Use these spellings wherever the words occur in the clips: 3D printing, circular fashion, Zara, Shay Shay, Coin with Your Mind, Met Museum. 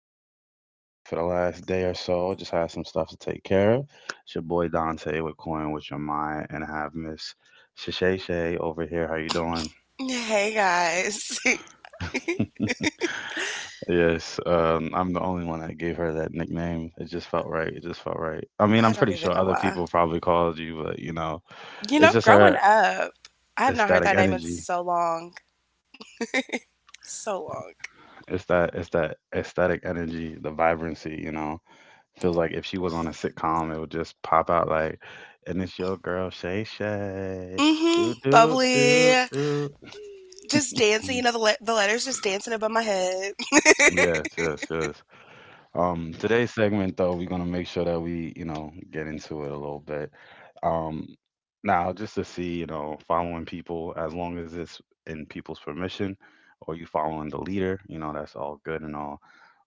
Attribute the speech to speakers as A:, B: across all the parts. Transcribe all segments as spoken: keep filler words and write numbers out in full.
A: have been in and out for the last day or so. Just had some stuff to take care of. It's your boy Dante with Coin with Your Mind, and I have Miss Shay Shay over here. How you doing?
B: Hey guys.
A: Yes, um, I'm the only one that gave her that nickname. It just felt right. It just felt right. I mean,
B: I
A: I'm
B: don't
A: pretty
B: even
A: sure
B: know
A: other
B: why.
A: people probably called you, but you know,
B: You know,
A: it's just
B: growing
A: her
B: up, I have not heard
A: ecstatic
B: that name in
A: energy.
B: so long. So long.
A: It's that it's that ecstatic energy, the vibrancy, you know. Feels like if she was on a sitcom, it would just pop out like, and it's your girl Shay Shay. Do
B: Mm-hmm.
A: do do
B: Bubbly.
A: do.
B: Just dancing,
A: Mm,
B: you know, the, le- the letters just dancing above my head.
A: Yes, yes, yes. Um, today's segment, though, we're gonna make sure that we, you know, get into it a little bit. Um, Now, just to see, you know, following people as long as it's in people's permission, or you following the leader, you know, that's all good and all.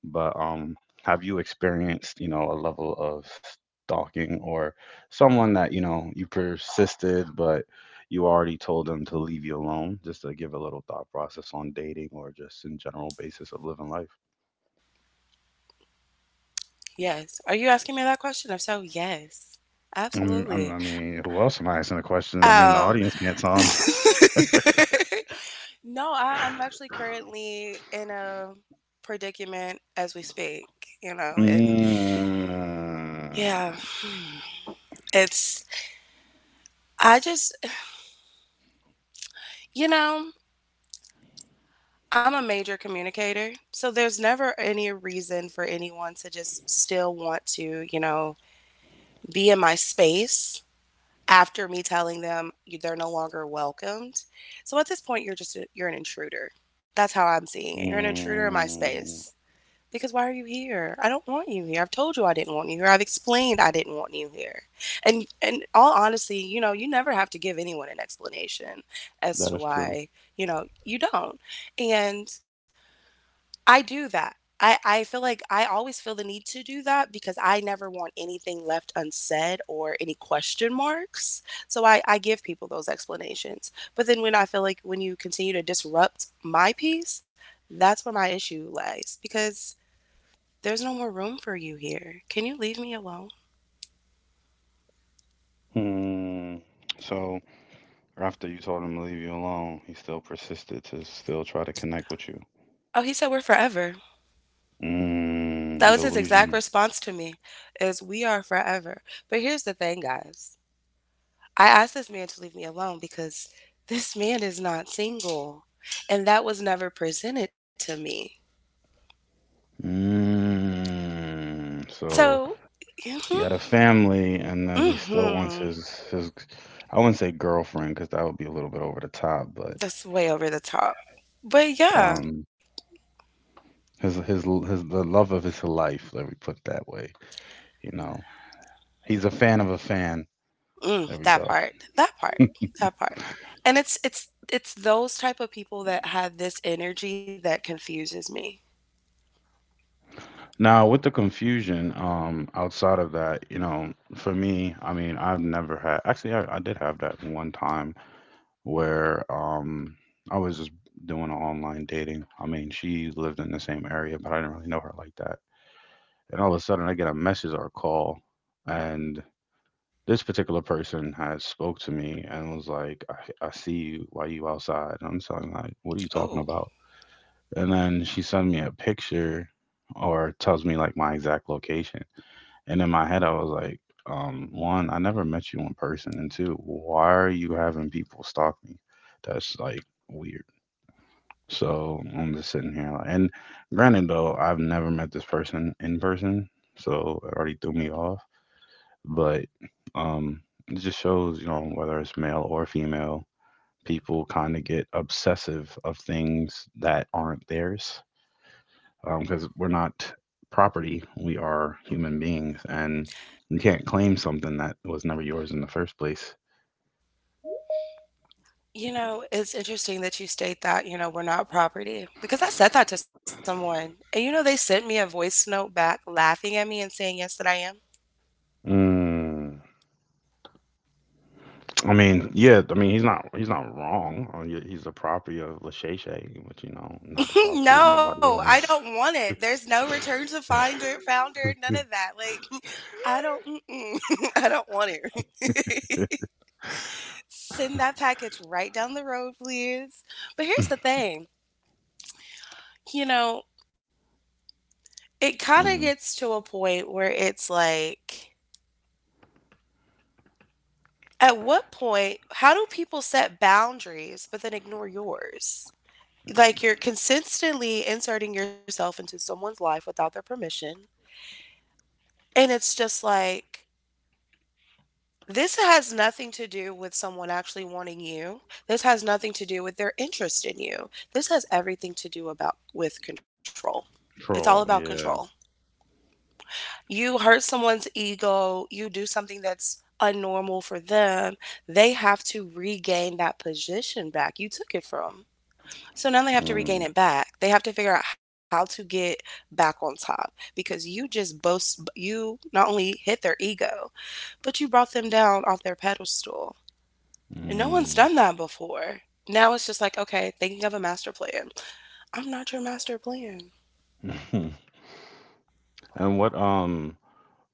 A: But um, have you experienced, you know, a level of stalking, or someone that you know you persisted, but you already told them to leave you alone? Just to give a little thought process on dating or just in general basis of living life.
B: Yes. Are you asking me that question? If so, yes.
A: Mm, i
B: Absolutely.
A: I mean, who else am I asking a question? I mean, the
B: Oh.
A: audience can't tell 'em.
B: No, I, I'm actually currently in a predicament as we speak, you know, and
A: Mm,
B: yeah, it's, I just, You know, I'm a major communicator, so there's never any reason for anyone to just still want to, you know, be in my space after me telling them you- they're no longer welcomed. So at this point, you're just a, you're an intruder. That's how I'm seeing it. You're an intruder in my
A: mm,
B: space. Because why are you here? I don't want you here. I've told you I didn't want you here. I've explained I didn't want you here. And and all honestly, you know, you never have to give anyone an explanation as
A: that
B: to
A: is true.
B: why, you know, you don't. And I do that. I I feel like I always feel the need to do that because I never want anything left unsaid or any question marks. So I I give people those explanations. But then when I feel like when you continue to disrupt my peace, that's where my issue lies because there's no more room for you here. Can you leave me alone?
A: Hmm. So after you told him to leave you alone, he still persisted to still try to connect with you.
B: Oh, he said we're forever. That
A: Mm,
B: was his exact
A: delusion.
B: response to me is we are forever. But here's the thing, guys. I asked this man to leave me alone because this man is not single. And that was never presented to me.
A: Mm. So
B: So,
A: he had a family, and then he still wants
B: hmm,
A: his his. I wouldn't say girlfriend because that would be a little bit over the top, but
B: that's way over the top. But yeah,
A: um, his his his the love of his life. Let me put it that way. You know, he's a fan of a fan.
B: mm,
A: There we
B: that
A: go.
B: part, that part, that part. And it's it's it's those type of people that have this energy that confuses me.
A: Now with the confusion, um, outside of that, you know, for me, I mean, I've never had. Actually, I, I did have that one time where um, I was just doing online dating. I mean, she lived in the same area, but I didn't really know her like that. And all of a sudden, I get a message or a call, and this particular person had spoke to me and was like, I, I see you. Why you outside? And I'm telling her, like, what are you talking
B: Oh,
A: about? And then she sent me a picture or tells me like my exact location. And in my head, I was like, um, one, I never met you in person. And two, why are you having people stalk me? That's like weird. So I'm just sitting here. Like, and granted, though, I've never met this person in person. So it already threw me off, but um, it just shows, you know, whether it's male or female, people kind of get obsessive of things that aren't theirs because we're not property, we are human beings, and you can't claim something that was never yours in the first place.
B: you know, it's interesting that you state that, you know, we're not property because I said that to someone. And you know, they sent me a voice note back laughing at me and saying, yes, that I am.
A: Mm, I mean, yeah, I mean he's not he's not wrong. I mean, he's the property of Lachey, but you know, not the property of
B: No, I
A: nobody
B: don't
A: else.
B: want it. There's no return to finder, founder, none of that. Like, I don't, mm-mm, I don't want it. Send that package right down the road, please. But here's the thing, you know, it kind of
A: Hmm.
B: gets to a point where it's like, at what point, how do people set boundaries but then ignore yours? Like, you're consistently inserting yourself into someone's life without their permission. And it's just like, this has nothing to do with someone actually wanting you. This has nothing to do with their interest in you. This has everything to do about with control. It's all about
A: Troll,
B: control.
A: yeah.
B: You hurt someone's ego, you do something that's unnormal for them, they have to regain that position back you took it from. So now they have to regain
A: Mm.
B: it back. They have to figure out how to get back on top because you just boast you not only hit their ego, but you brought them down off their pedestal. And no one's
A: Mm.
B: done that before. Now it's just like, okay, thinking of a master plan. I'm not your master plan.
A: Mhm. And what um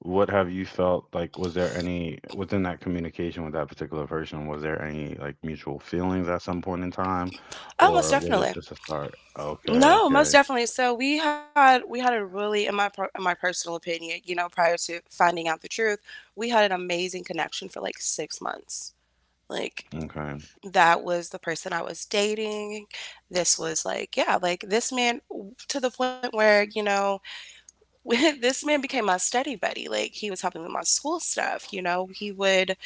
A: what have you felt like, was there any within that communication with that particular person, was there any like mutual feelings at some point in time?
B: Oh, most
A: Or was it
B: definitely.
A: just a start? Okay,
B: No, most
A: okay,
B: definitely. So we had we had a really, in my per- in my personal opinion, you know, prior to finding out the truth, we had an amazing connection for like six months. Like
A: okay.
B: that was the person I was dating. This was like, yeah, like this man to the point where, you know, this man became my study buddy. Like he was helping me with my school stuff. You know, he would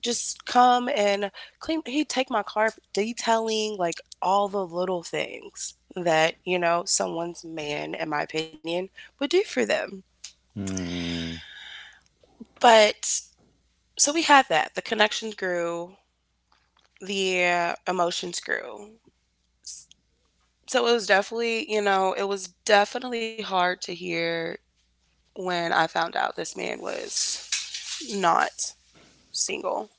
B: just come and clean, he'd take my car for detailing, like all the little things that you know someone's man in my opinion would do for them.
A: Hmm,
B: But so we had that, the connections grew, the uh, emotions grew, so it was definitely, you know, it was definitely hard to hear when I found out this man was not single.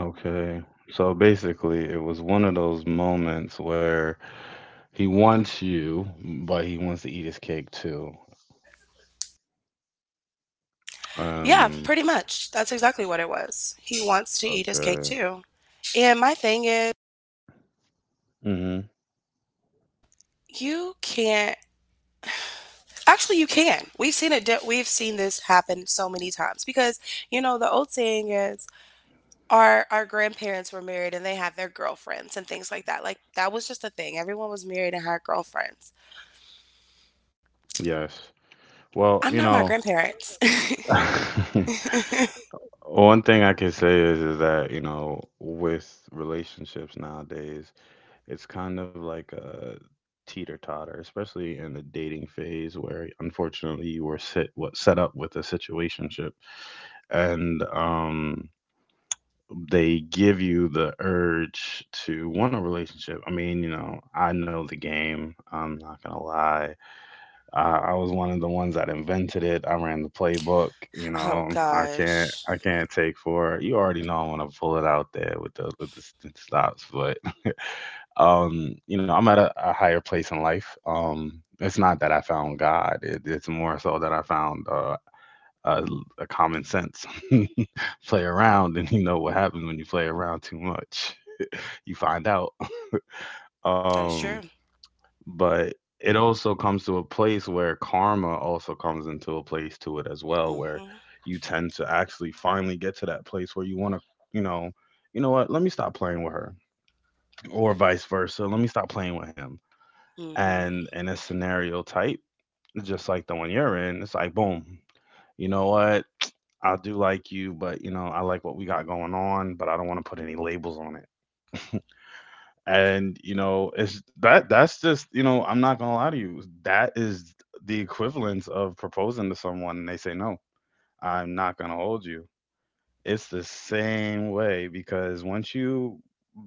A: okay. So basically it was one of those moments where he wants you, but he wants to eat his cake too.
B: Yeah,
A: Um,
B: pretty much that's exactly what it was, he wants to eat his cake
A: okay.
B: too. And my thing is,
A: Mm-hmm.
B: you can't. Actually, you can. We've seen it. de- We've seen this happen so many times because you know the old saying is, our our grandparents were married and they had their girlfriends and things like that. Like that was just a thing. Everyone was married and had girlfriends.
A: Yes.
B: I'm
A: Well,
B: not
A: you
B: my
A: know,
B: grandparents.
A: one thing I can say is is that, you know, with relationships nowadays, it's kind of like a teeter-totter, especially in the dating phase where unfortunately you were set what set up with a situationship, and um they give you the urge to want a relationship. I mean, you know, I know the game, I'm not gonna lie. I, I was one of the ones that invented it. I ran the playbook. You
B: Oh
A: know, I can't
B: gosh,
A: I can't take for you already know I'm gonna pull it out there with the with the, s- the stops. But um, you know, I'm at a, a higher place in life. Um, it's not that I found God. It, it's more so that I found uh, a, a common sense. Play around, and you know what happens when you play around too much. You find out.
B: that is
A: Um.
B: true.
A: But it also comes to a place where karma also comes into a place to it as well, where
B: Mhm.
A: you tend to actually finally get to that place where you want to, you know, you know what, let me stop playing with her, or vice versa, let me stop playing with him.
B: Mhm.
A: And in a scenario type just like the one you're in, it's like boom, you know what, I do like you, but you know, I like what we got going on, but I don't want to put any labels on it. And you know, it's that, that's just, you know, I'm not gonna lie to you, that is the equivalence of proposing to someone and they say no. I'm not gonna hold you. It's the same way because once you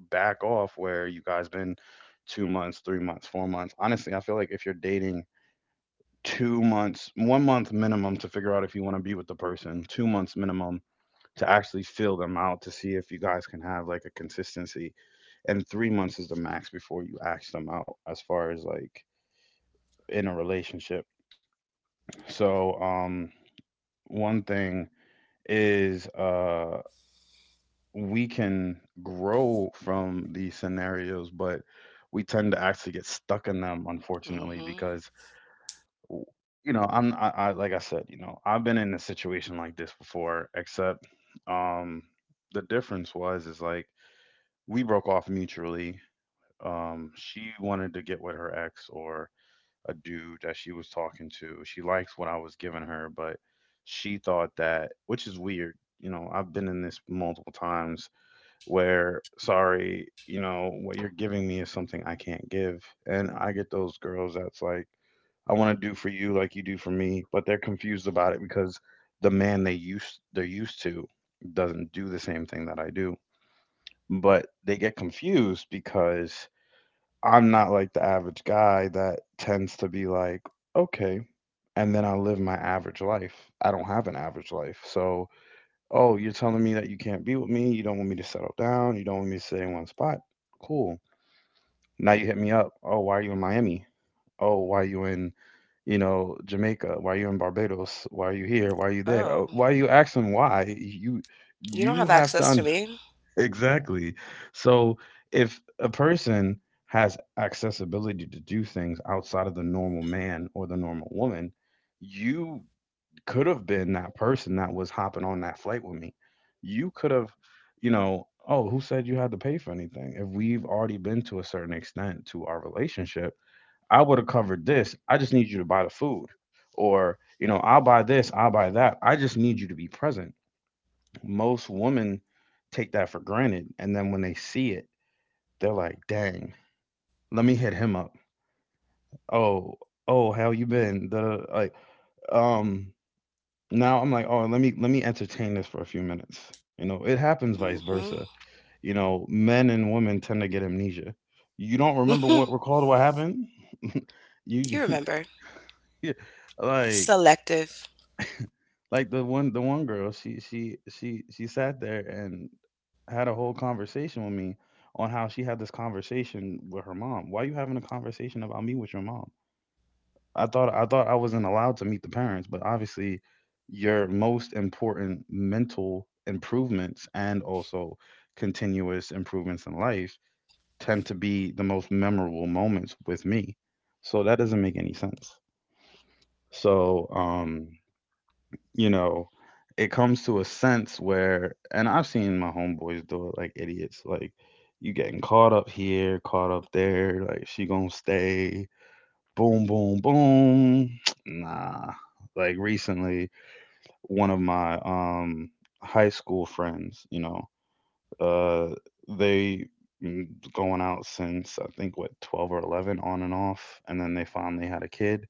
A: back off, where you guys been, two months, three months, four months? Honestly, I feel like if you're dating, two months, one month minimum to figure out if you want to be with the person, two months minimum to actually feel them out to see if you guys can have like a consistency, and three months is the max before you ask them out as far as like in a relationship. So um one thing is uh we can grow from these scenarios, but we tend to actually get stuck in them unfortunately
B: Mhm.
A: because you know i'm I, I like I said, you know, I've been in a situation like this before, except um the difference was is like we broke off mutually. Um she wanted to get with her ex or a dude that she was talking to. She likes what I was giving her, but she thought that, which is weird. You know, I've been in this multiple times where, sorry, you know, what you're giving me is something I can't give. And I get those girls that's like, I want to do for you like you do for me, but they're confused about it because the man they used they're used to doesn't do the same thing that I do. But they get confused because I'm not like the average guy that tends to be like, okay, and then I live my average life. I don't have an average life. So, oh, you're telling me that you can't be with me. You don't want me to settle down. You don't want me to stay in one spot. Cool. Now you hit me up. Oh, why are you in Miami? Oh, why are you in, you know, Jamaica? Why are you in Barbados? Why are you here? Why are you
B: Oh,
A: there? Oh, why are you asking why? You
B: you don't have
A: you have
B: access to
A: to.
B: me.
A: Exactly. So if a person has accessibility to do things outside of the normal man or the normal woman, you could have been that person that was hopping on that flight with me. You could have, you know, oh, who said you had to pay for anything? If we've already been to a certain extent to our relationship, I would have covered this. I just need you to buy the food. Or, you know, I'll buy this, I'll buy that. I just need you to be present. Most women take that for granted, and then when they see it, they're like, "Dang, let me hit him up." Oh, oh, how you been? The like, um, now I'm like, oh, let me let me entertain this for a few minutes. You know, it happens vice
B: Mhm.
A: versa. You know, men and women tend to get amnesia. You don't remember
B: You
A: what recalled what happened. You
B: remember?
A: like
B: Selective.
A: Like the one the one girl, she she she she sat there and had a whole conversation with me on how she had this conversation with her mom. Why you having a conversation about me with your mom? I thought I thought I wasn't allowed to meet the parents, but obviously your most important mental improvements and also continuous improvements in life tend to be the most memorable moments with me. So that doesn't make any sense. So um you know, it comes to a sense where, and I've seen my homeboys do it like idiots. Like, you getting caught up here, caught up there. Like, she gonna stay. Boom, boom, boom. Nah. Like recently, one of my um high school friends, you know, uh, they mm, going out since I think what twelve or eleven on and off, and then they finally had a kid.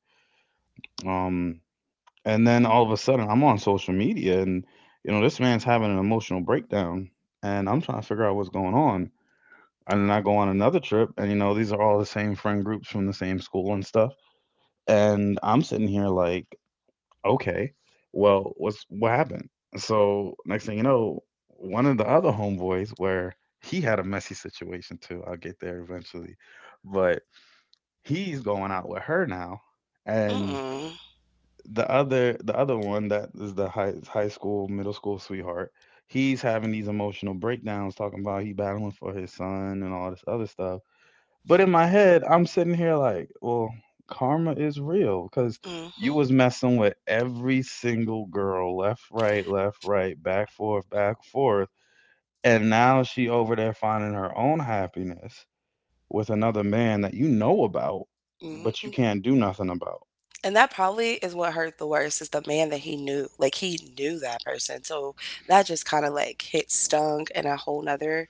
A: Um, and then all of a sudden, I'm on social media, and you know this man's having an emotional breakdown, and I'm trying to figure out what's going on. And then I go on another trip, and you know these are all the same friend groups from the same school and stuff. And I'm sitting here like, okay, well, what's what happened? So next thing you know, one of the other homeboys, where he had a messy situation too. I'll get there eventually, but he's going out with her now. And
B: Mm.
A: the other the other one that is the high high school middle school sweetheart, he's having these emotional breakdowns, talking about he battling for his son and all this other stuff. But in my head, I'm sitting here like, well, karma is real, because you
B: Mhm.
A: was messing with every single girl, left right left right back forth back forth. And now she over there finding her own happiness with another man that you know about, but you
B: Mhm.
A: can't do nothing about.
B: And that probably is what hurt the worst is the man that he knew. Like he knew that person. So that just kind of like hit stung in a whole nother,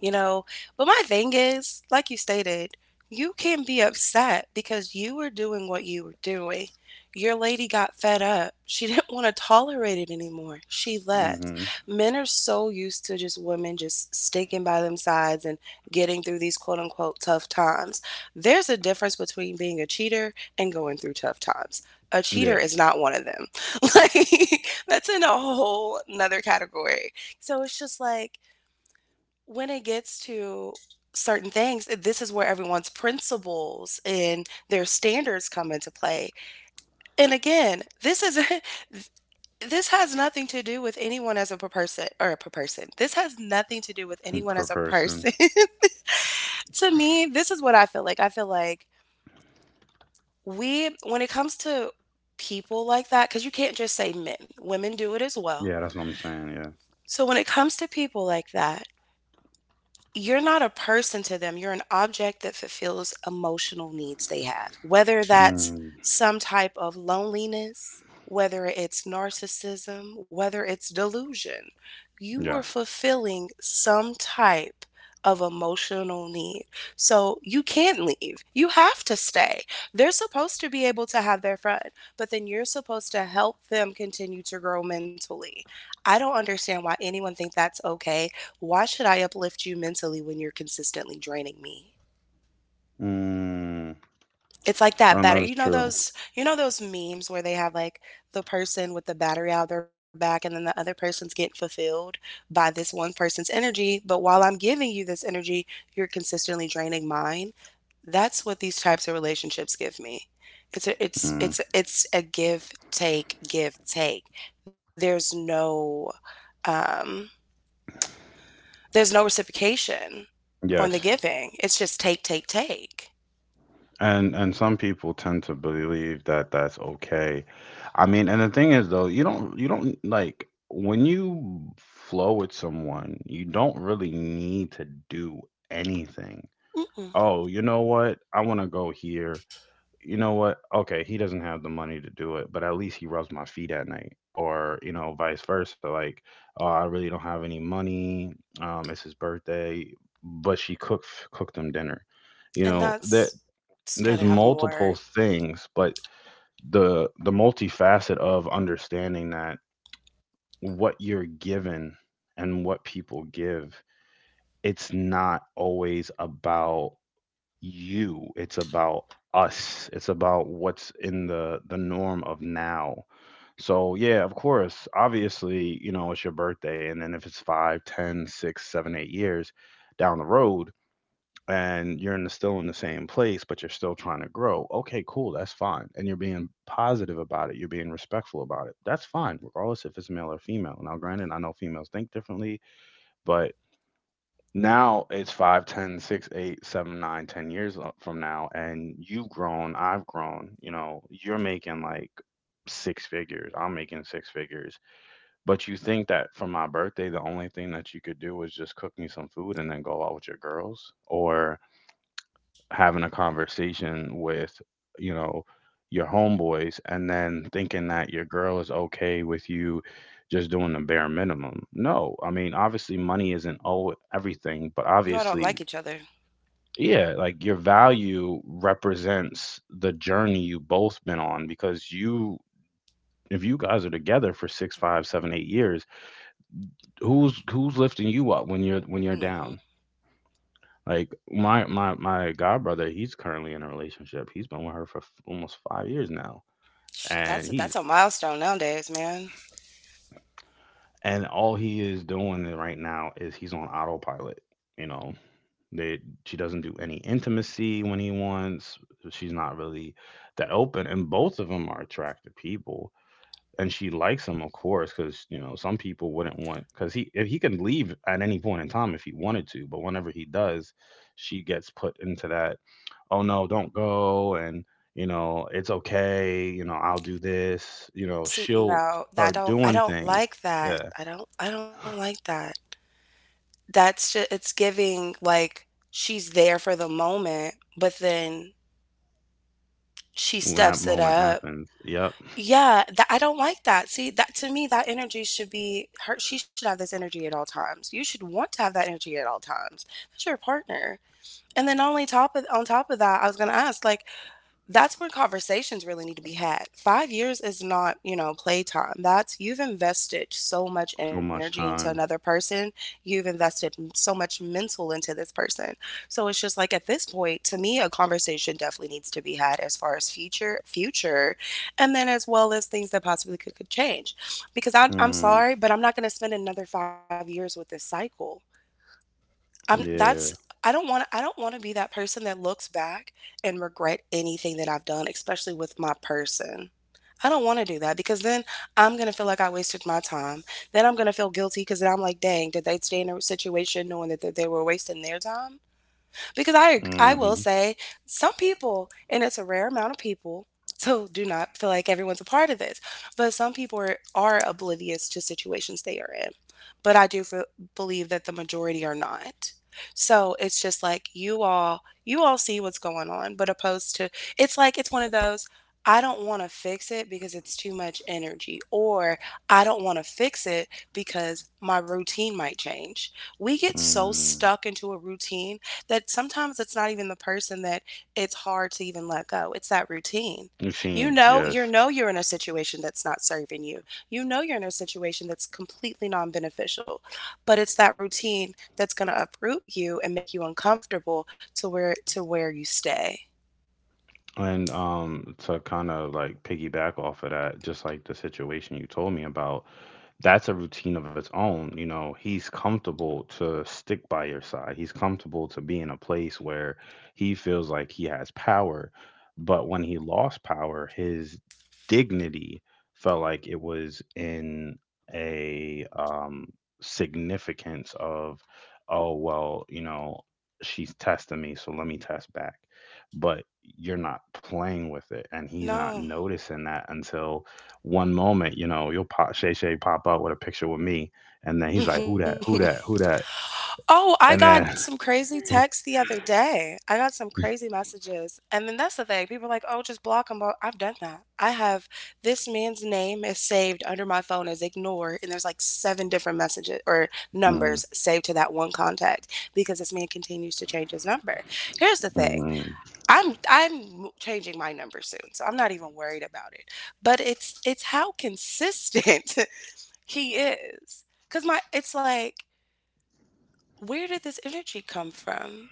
B: you know. But my thing is, like you stated, you can be upset because you were doing what you were doing. Your lady got fed up. She didn't want to tolerate it anymore. She left.
A: Hmm.
B: Men are so used to just women just sticking by them sides and getting through these quote unquote tough times. There's a difference between being a cheater and going through tough times. A
A: Yeah.
B: cheater is not one of them. Like that's in a whole another category. So it's just like when it gets to certain things, eh, this is where everyone's principles and their standards come into play. And again, this is this has nothing to do with anyone as a per- person or a per- person. This has nothing to do with anyone
A: Per
B: as a
A: person.
B: person. To me, this is what I feel like. I feel like we when it comes to people like that, cuz you can't just say men. Women do it as well.
A: Yeah, that's what I'm saying. Yeah.
B: So when it comes to people like that, you're not a person to them, you're an object that fulfills emotional needs they have, whether that's
A: Mm,
B: some type of loneliness, whether it's narcissism, whether it's delusion. You were
A: yes.
B: fulfilling some type of emotional need. So you can't leave. You have to stay. They're supposed to be able to have their fun, but then you're supposed to help them continue to grow mentally. I don't understand why anyone think that's okay. Why should I uplift you mentally when you're consistently draining me?
A: Mm,
B: It's like that
A: and that is
B: battery. You know
A: true.
B: those you know those memes where they have like the person with the battery out of their back and then the other person's getting fulfilled by this one person's energy, but while I'm giving you this energy, you're consistently draining mine. That's what these types of relationships give me. It's a it's
A: Mm,
B: it's it's a give take give take. There's no um there's no reciprocation on the
A: yes.
B: giving. It's just take, take, take.
A: And and some people tend to believe that that's okay. I mean, and the thing is though, you don't you don't like, when you flow with someone, you don't really need to do anything.
B: Mm-mm.
A: Oh, you know what? I want to go here. You know what? Okay, he doesn't have the money to do it, but at least he rubs my feet at night, or, you know, vice versa. Like, oh, I really don't have any money. Um, it's his birthday, but she cooked cooked him dinner. You
B: And
A: know that
B: that's just got
A: there's
B: to have
A: multiple
B: more.
A: things, but the the multifacet of understanding that what you're given and what people give, it's not always about you. It's about us. It's about what's in the the norm of now. So yeah, of course, obviously, you know, it's your birthday. And then if it's five ten six seven eight years down the road, and you're in the, still in the same place, but you're still trying to grow. Okay, cool, that's fine. And you're being positive about it, you're being respectful about it. That's fine, regardless if it's male or female. Now granted, I know females think differently, but now it's five, ten, six, eight, seven, nine, ten years o- from now, and you've grown, I've grown, you know, you're making like six figures, I'm making six figures. But you think that for my birthday the only thing that you could do was just cook me some food and then go out with your girls, or having a conversation with, you know, your homeboys, and then thinking that your girl is okay with you just doing the bare minimum? No, I mean, obviously money isn't all everything, but
B: You all don't
A: obviously,
B: like each other.
A: yeah, like, your value represents the journey you both been on. Because you, if you guys are together for six, five, seven, eight years, who's who's lifting you up when you're when you're
B: Mm-hmm.
A: down? Like my my my god brother, he's currently in a relationship. He's been with her for f- almost five years now, and
B: That's a,
A: he's
B: that's a milestone nowadays, man.
A: and all he is doing right now is he's on autopilot. You know, They she doesn't do any intimacy when he wants. so She's not really that open, and both of them are attractive people. And she likes him, of course, because you know some people wouldn't want, because he, if he can leave at any point in time if he wanted to, but whenever he does, she gets put into that. Oh no, don't go, and you know it's okay. You know I'll do this. You know
B: See,
A: she'll
B: no, I
A: start
B: don't. I
A: doing
B: don't
A: things.
B: like that.
A: Yeah,
B: I don't. I don't like that. That's just, it's giving like she's there for the moment, but then she
A: when that
B: steps it
A: moment
B: up.
A: happens. Yep,
B: Yeah, that I don't like that. See, that to me, that energy should be her. She should have this energy at all times. You should want to have that energy at all times. That's your partner. And then only top of on top of that, I was gonna ask, like, that's when conversations really need to be had. Five years is not, you know, playtime. That's, you've invested so much
A: so
B: energy
A: much
B: into another
A: time.
B: person. You've invested m- so much mental into this person. So it's just like at this point, to me, a conversation definitely needs to be had as far as future, future, and then as well as things that possibly could, could change. Because I, I'm
A: Mm,
B: sorry, but I'm not going to spend another five years with this cycle. I'm that's
A: yeah.
B: I don't want, I don't want to be that person that looks back and regret anything that I've done, especially with my person. I don't want to do that because then I'm going to feel like I wasted my time. Then I'm going to feel guilty because then I'm like, dang, did they stay in a situation knowing that, that they were wasting their time? Because I I
A: Mhm.
B: will say some people, and it's a rare amount of people, so do not feel like everyone's a part of this, but some people are, are oblivious to situations they are in. But I do feel, believe that the majority are not. So it's just like you all you all see what's going on, but opposed to it's like it's one of those I don't want to fix it because it's too much energy, or I don't want to fix it because my routine might change. We get so
A: Mm.
B: stuck into a routine that sometimes it's not even the person that it's hard to even let go. It's that routine. You
A: Routine,
B: know, you
A: yes.
B: know you're in a situation that's not serving you. You know you're in a situation that's completely non-beneficial. But it's that routine that's going to uproot you and make you uncomfortable to where to where you stay.
A: And um to kind of like piggyback off of that, just like the situation you told me about, that's a routine of its own. You know, he's comfortable to stick by your side, he's comfortable to be in a place where he feels like he has power. But when he lost power, his dignity felt like it was in a um, significance of, oh, well, you know, she's testing me, so let me test back. But you're not playing with it, and he's not
B: No.
A: noticing that until one moment, you know, you'll pop, Shay Shay pop up with a picture with me, and then he's like, "Who that? Who that? Who that?"
B: Oh, I got
A: And
B: some crazy texts the other day. I got some crazy messages. And then that's the thing. People are like, oh, just block them. I've done that. I have this man's name is saved under my phone as ignore. And there's like seven different messages or
A: then
B: numbers saved to that one contact because this man continues to change his number. Here's the
A: mm,
B: thing.
A: mm,
B: I'm I'm changing my number soon, so I'm not even worried about it. But it's it's how consistent he is. Cause my it's like where did this energy come from?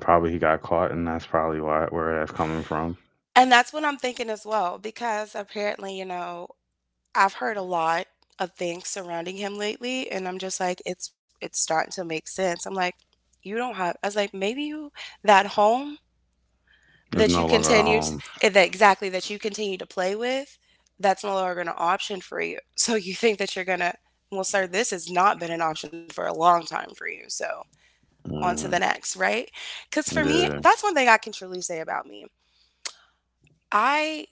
A: probably he got caught, and that's probably why where that's coming from.
B: And that's what I'm thinking as well, because apparently, you know, I've heard a lot of things surrounding him lately, and I'm just like, it's it's starting to make sense. I'm like, you don't have. I was like, maybe you that home
A: There's
B: that you
A: no longer a
B: continued
A: home.
B: eh, that exactly that you continue to play with, that's no longer an option for you. So you think that you're gonna, well, sir, this has not been an option for a long time for you. So on to the
A: Mm,
B: next, right? Because for me,
A: yeah.
B: that's one thing I can truly say about me. I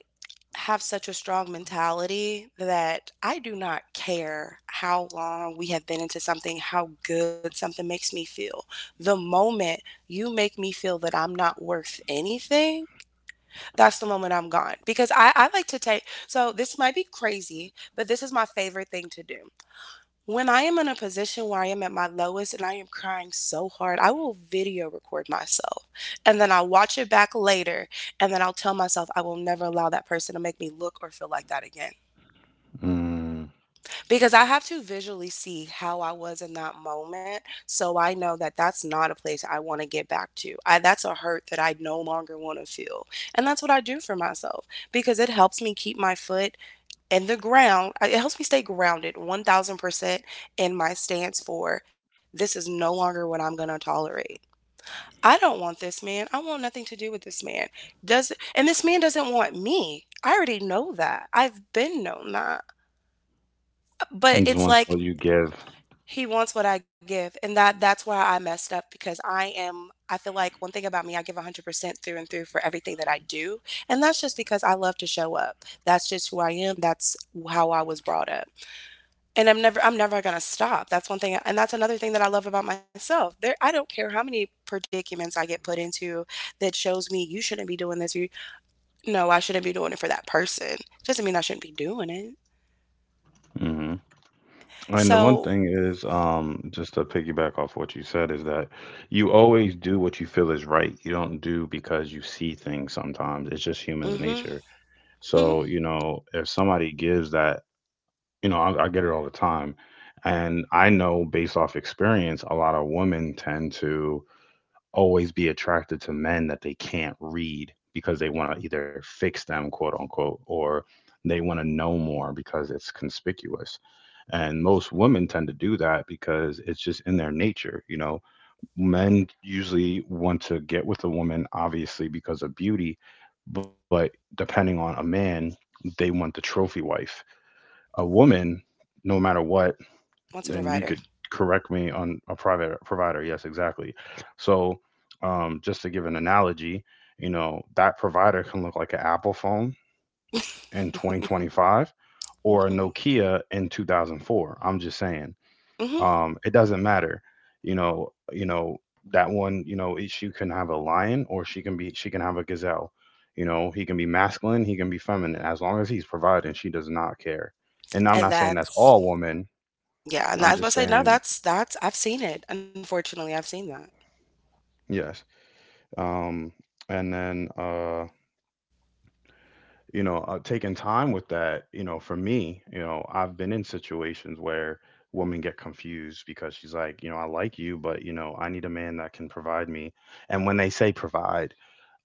B: have such a strong mentality that I do not care how long we have been into something, how good something makes me feel. The moment you make me feel that I'm not worth anything, that's the moment I'm gone. Because I, I like to take, so this might be crazy, but this is my favorite thing to do. When I am in a position where I am at my lowest and I am crying so hard, I will video record myself and then I'll watch it back later. And then I'll tell myself I will never allow that person to make me look or feel like that again.
A: Mm,
B: Because I have to visually see how I was in that moment. So I know that that's not a place I want to get back to. I, that's a hurt that I no longer want to feel. And that's what I do for myself because it helps me keep my foot and the ground, it helps me stay grounded one thousand percent in my stance, for this is no longer what I'm going to tolerate. I don't want this man, I want nothing to do with this man does, and this man doesn't want me. I already know that, I've been known that. But
A: just
B: it's
A: wants
B: like
A: what you give.
B: he wants what I give, and that that's why I messed up. Because i am i feel like one thing about me, I give one hundred percent through and through for everything that I do. And that's just because I love to show up. That's just who I am. That's how I was brought up. And I'm never I'm never going to stop. That's one thing, and that's another thing that I love about myself. There, I don't care how many predicaments I get put into that shows me you shouldn't be doing this. You no, I shouldn't be doing it for that person. Doesn't mean I shouldn't be doing it.
A: Hmm. And the one
B: So,
A: thing is, um, just to piggyback off what you said, is that you always do what you feel is right. You don't do because you see things sometimes. It's just human's
B: mhm.
A: nature.
B: Mhm.
A: So, you know, if somebody gives that, you know, I, I get it all the time. And I know based off experience a lot of women tend to always be attracted to men that they can't read, because they want to either fix them, quote unquote, or they want to know more, because it's conspicuous. And most women tend to do that because it's just in their nature, you know. Men usually want to get with a woman, obviously, because of beauty, but depending on a man, they want the trophy wife, a woman, no matter what.
B: Once a
A: And you could
B: provider.
A: correct me on a private provider. Yes, exactly. So, um, just to give an analogy, you know, that provider can look like an Apple phone in twenty twenty-five or a
B: Mhm.
A: Nokia in two thousand four. I'm just saying,
B: Mhm.
A: um, it doesn't matter. You know, you know that one. You know, she can have a lion, or she can be she can have a gazelle. You know, he can be masculine, he can be feminine. As long as he's providing, she does not care. And I'm
B: And
A: not saying that's
B: that's
A: all women.
B: yeah, and
A: I'm
B: I was about
A: just
B: to say no,
A: saying,
B: that's that's I've seen it. Unfortunately, I've seen that.
A: yes. um, and then uh, you know, uh, taking time with that, you know, for me, you know, I've been in situations where women get confused, because she's like, you know, I like you, but, you know, I need a man that can provide me. And when they say provide,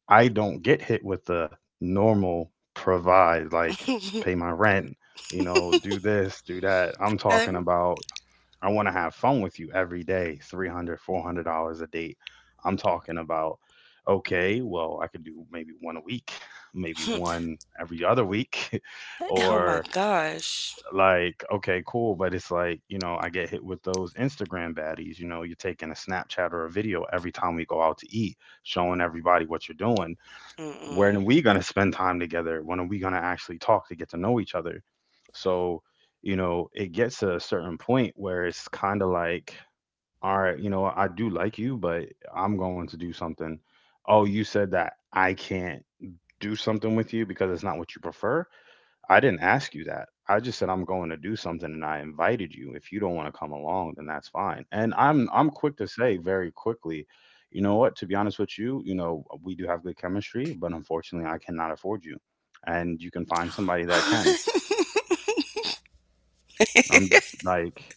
A: I don't get hit with the normal provide, like, pay my rent, you know, do this do that. I'm talking
B: Now
A: about I want to have fun with you every day, three hundred four hundred dollars a date. I'm talking about, okay, well, I could do maybe one a week, maybe
B: they-
A: one every other week,
B: Oh my
A: or
B: gosh.
A: like, okay, cool. But it's like, you know, I get hit with those Instagram baddies. You know, you're taking a Snapchat or a video every time we go out to eat, showing everybody what you're doing. When
B: Mm-mm.
A: are we going to spend time together? When are we going to actually talk to get to know each other? So, you know, it gets to a certain point where it's kind of like, all right, you know what, I do like you, but I'm going to do something. Oh, you said that I can't do something with you because it's not what you prefer. I didn't ask you that. I just said I'm going to do something and I invited you. If you don't want to come along, then that's fine. And I'm I'm quick to say very quickly, you know what, to be honest with you, you know, we do have good chemistry, but unfortunately I cannot afford you. And you can find somebody that can. I'm j- like,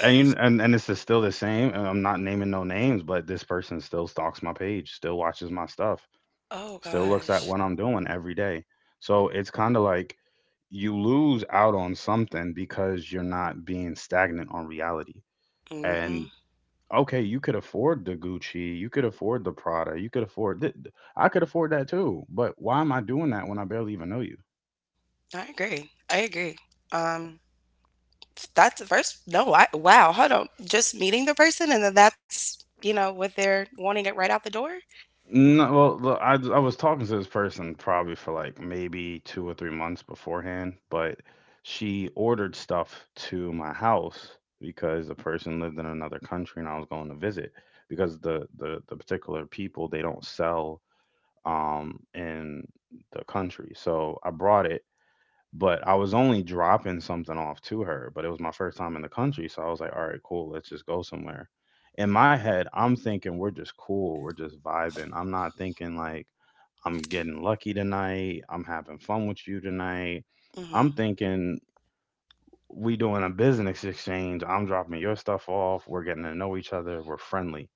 A: and and, and it's still the same. And I'm not naming no names, but this person still stalks my page, still watches my stuff,
B: Oh
A: still looks at
B: gosh.
A: what I'm doing every day. So it's kind of like you lose out on something because you're not being stagnant on reality.
B: Mhm.
A: And okay, you could afford the Gucci, you could afford the Prada, you could afford th- I could afford that too. But why am I doing that when I barely even know you?
B: I agree. I agree. Um, that's the first. No, I wow. Hold on. Just meeting the person, and then that's you know what they're wanting it right out the door.
A: No, well, the- I I was talking to this person probably for like maybe two or three months beforehand, but she ordered stuff to my house because the person lived in another country and I was going to visit, because the the the particular people they don't sell um in the country. So I brought it. But I was only dropping something off to her, but it was my first time in the country, so I was like, "All right, cool, let's just go somewhere." In my head, I'm thinking we're just cool, we're just vibing. I'm not thinking like I'm getting lucky tonight, I'm having fun with you tonight. I'm
B: Hmm.
A: thinking we doing a business exchange. I'm dropping your stuff off. We're getting to know each other. We're friendly.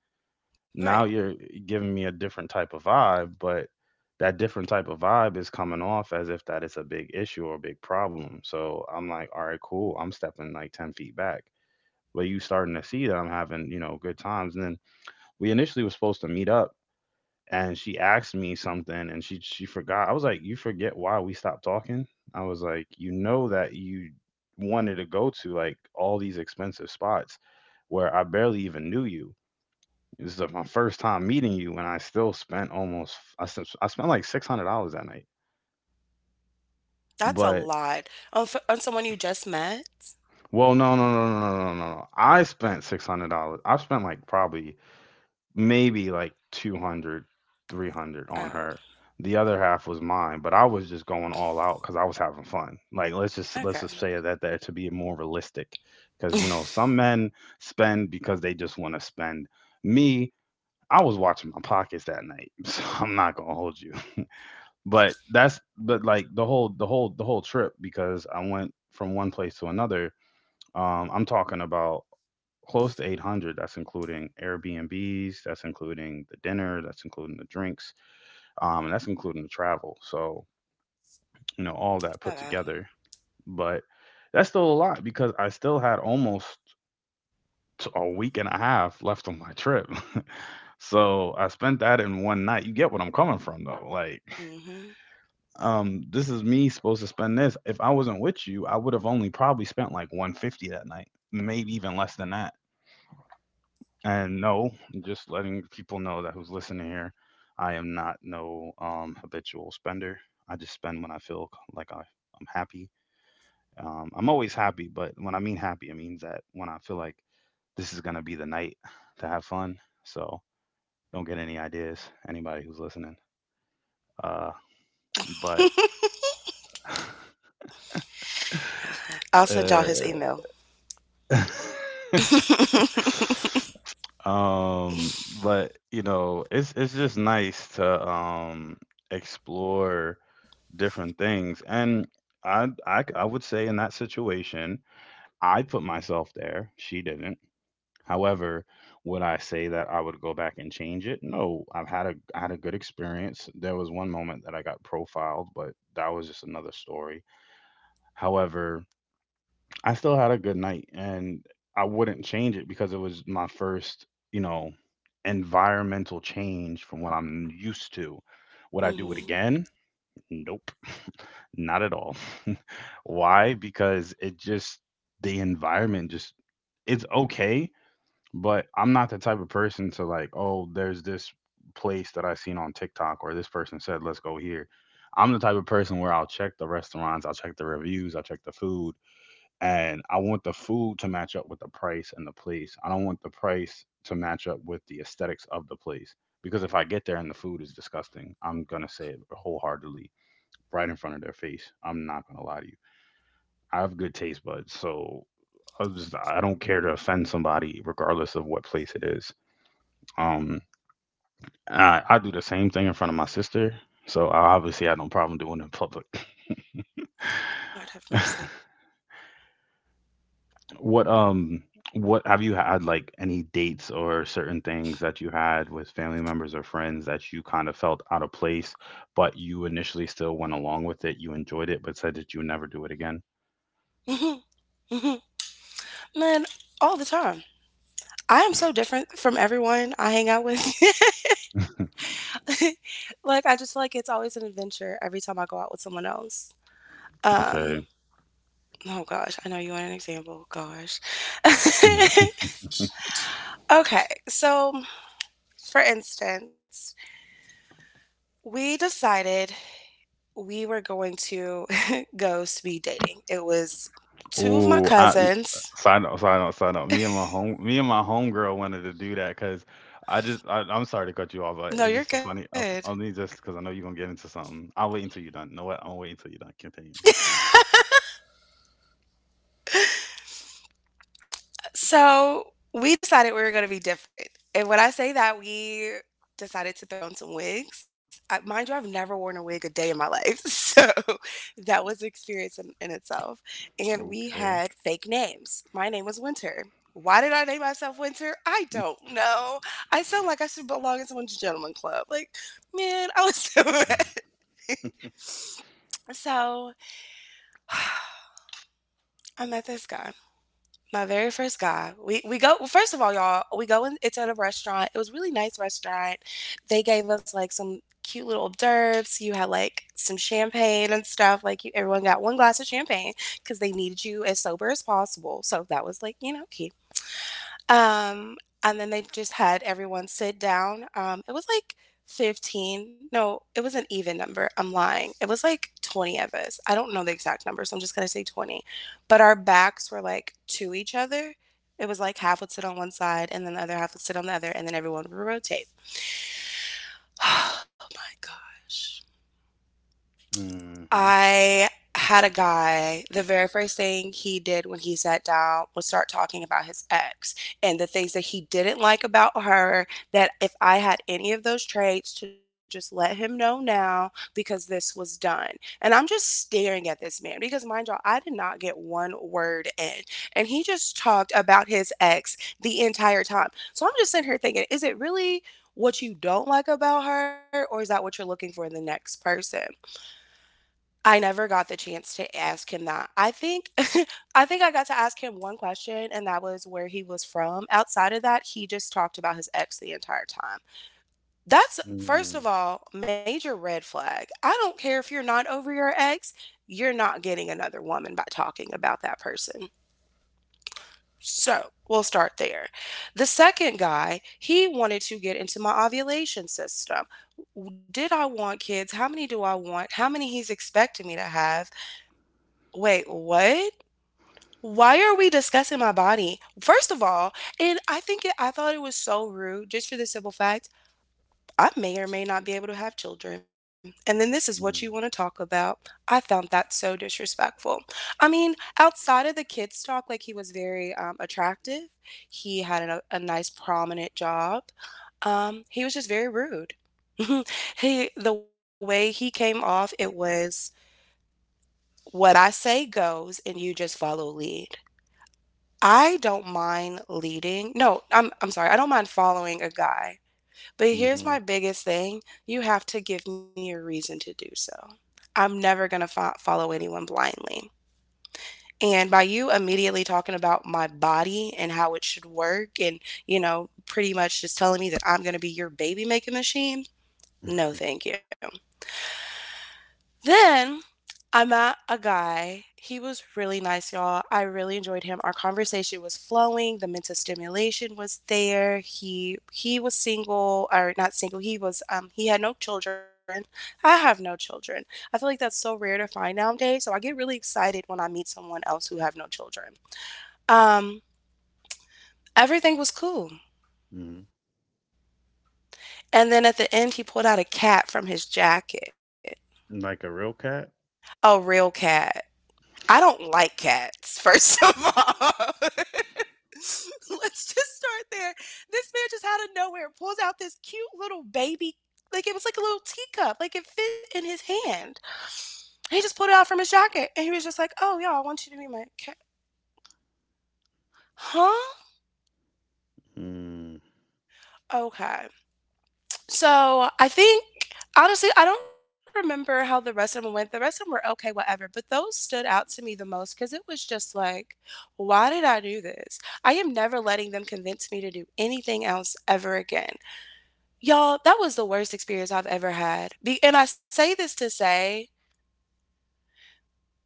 A: Now
B: Right.
A: you're giving me a different type of vibe, but that different type of vibe is coming off as if that is a big issue or a big problem. So I'm like, all right, cool. I'm stepping like ten feet back. But you starting to see that I'm having, you know, good times. And then we initially were supposed to meet up, and she asked me something, and she she forgot. I was like, you forget why we stopped talking? I was like, you know that you wanted to go to like all these expensive spots where I barely even knew you. This is the, my first time meeting you, and I still spent almost I spent, I spent like six hundred dollars that night.
B: That's a
A: But,
B: lot on for, on someone you just met.
A: well, no, no, no, no, no, no, no, no. I spent six hundred dollars. I spent like probably maybe like two hundred, three hundred
B: Oh,
A: on her. The other half was mine, but I was just going all out because I was having fun. Like let's just let's just
B: okay.
A: say that there to be more realistic, because you know some men spend because they just want to spend. Me, I was watching my pockets that night, so I'm not gonna hold you. But that's but like the whole the whole the whole trip, because I went from one place to another. Um, I'm talking about close to eight hundred. That's including Airbnbs. That's including the dinner. That's including the drinks. Um, and that's including the travel. So, you know, all that put
B: Not bad.
A: together. But that's still a lot because I still had almost t- a week and a half left on my trip. So I spent that in one night. You get what I'm coming from though, like.
B: Hmm.
A: um this is me supposed to spend this. If I wasn't with you, I would have only probably spent like one fifty that night, maybe even less than that. And no, just letting people know that, who's listening here, I am not no um habitual spender. I just spend when I feel like I, i'm happy. Um i'm always happy, but when I mean happy, it means that when I feel like this is going to be the night to have fun. So don't get any ideas, anybody who's listening. uh but.
B: I'll send y'all his
A: uh
B: email. Hmm.
A: Um, but, you know, it's it's just nice to um explore different things. And I I c- I would say, in that situation, I put myself there. She didn't. However, would I say that I would go back and change it? No, I've had a I had a good experience. There was one moment that I got profiled, but that was just another story. However, I still had a good night, and I wouldn't change it because it was my first, you know, environmental change from what I'm used to. Would I do
B: Lord
A: it again? Nope, not at all. Why? Because it just, the environment just, it's okay, but I'm not the type of person to like, oh, there's this place that I seen on TikTok, or this person said, let's go here. I'm the type of person where I'll check the restaurants, I'll check the reviews, I'll check the food, and I want the food to match up with the price and the place. I don't want the price to match up with the aesthetics of the place, because if I get there and the food is disgusting, I'm gonna say it wholeheartedly right in front of their face. I'm not gonna lie to you. I have good taste buds, so I just I don't care to offend somebody regardless of what place it is. Um, I I do the same thing in front of my sister, so I obviously had no problem doing it in public.
B: have mercy.
A: What um what have you had, like, any dates or certain things that you had with family members or friends that you kind of felt out of place, but you initially still went along with it, you enjoyed it, but said that you would never do it again?
B: Hmm. Hmm. Man, all the time. I am so different from everyone I hang out with. Like I just feel like it's always an adventure every time I go out with someone else.
A: Okay.
B: Um, oh gosh, I know you want an example. Gosh. Okay, so for instance, we decided we were going to go speed dating. It was two of my
A: Oh, I y-
B: cousins.
A: side note, side note, side note. Me and my home, me and my homegirl wanted to do that because I just, I, I'm sorry to cut you off, but
B: No,
A: it's
B: you're
A: just a funny.
B: good.
A: I only just because I know you're gonna get into something. I'll wait until you're done. You know what? I'll wait until you're done. Continue, continue.
B: So we decided we were going to be different. And when I say that, we decided to throw on some wigs. I, mind you, I've never worn a wig a day in my life. So that was an experience in, in itself. And we
A: Okay.
B: had fake names. My name was Winter. Why did I name myself Winter? I don't know. I sound like I should belong in someone's gentleman club. Like, man, I was so ready. So I met this guy. My very first guy. We we go well, first of all, y'all. We go in. It's at a restaurant. It was a really nice restaurant. They gave us like some cute little hors d'oeuvres. You had like some champagne and stuff. Like you, everyone got one glass of champagne because they needed you as sober as possible. So that was like you know key. Um, and then they just had everyone sit down. Um, it was like fifteen. No, it was an even number. I'm lying. It was like twenty of us. I don't know the exact number, so I'm just gonna say twenty. But our backs were like to each other. It was like half would sit on one side and then the other half would sit on the other, and then everyone would rotate. Oh my gosh.
A: Hmm.
B: I had a guy, the very first thing he did when he sat down was start talking about his ex and the things that he didn't like about her. That if I had any of those traits, to just let him know now because this was done. And I'm just staring at this man because, mind y'all, I did not get one word in. And he just talked about his ex the entire time. So I'm just sitting here thinking, is it really what you don't like about her, or is that what you're looking for in the next person? I never got the chance to ask him that. I think I think I got to ask him one question and that was where he was from. Outside of that, he just talked about his ex the entire time. That's first of
A: Mm,
B: all, major red flag. I don't care if you're not over your ex, you're not getting another woman by talking about that person. So, we'll start there. The second guy, he wanted to get into my ovulation system. Did I want kids? How many do I want? How many he's expecting me to have? Wait, what? Why are we discussing my body? First of all, and I think it, I thought it was so rude just for the simple fact I may or may not be able to have children. And then this is what you want to talk
A: mm,
B: about. I found that so disrespectful. I mean, outside of the kids talk, like he was very um, attractive, he had a, a nice prominent job. Um, he was just very rude. He the way he came off, it was what I say goes and you just follow lead. I don't mind leading. No, I'm I'm sorry. I don't mind following a guy. But here's
A: mm-hmm,
B: my biggest thing. You have to give me a reason to do so. I'm never going to fo- follow anyone blindly. And by you immediately talking about my body and how it should work and, you know, pretty much just telling me that I'm going to be your baby making machine, no thank you. Then I met a guy. He was really nice, y'all. I really enjoyed him. Our conversation was flowing. The mental stimulation was there. He he was single or not single. He was um he had no children. I have no children. I feel like that's so rare to find nowadays. So I get really excited when I meet someone else who have no children. Um Everything was cool.
A: mm.
B: And then at the end he pulled out a cat from his jacket.
A: Like a real cat?
B: A real cat. I don't like cats, first of all. Let's just start there. This man just out of nowhere pulls out this cute little baby, like it was like a little teacup, like it fit in his hand. He just pulled it out from his jacket and he was just like, "Oh, y'all, I want you to be my cat." Huh?
A: Mm,
B: Okay. So I think honestly, I don't remember how the rest of them went. The rest of them were okay, whatever. But those stood out to me the most because it was just like, why did I do this? I am never letting them convince me to do anything else ever again. Y'all, that was the worst experience I've ever had. Be- and I say this to say,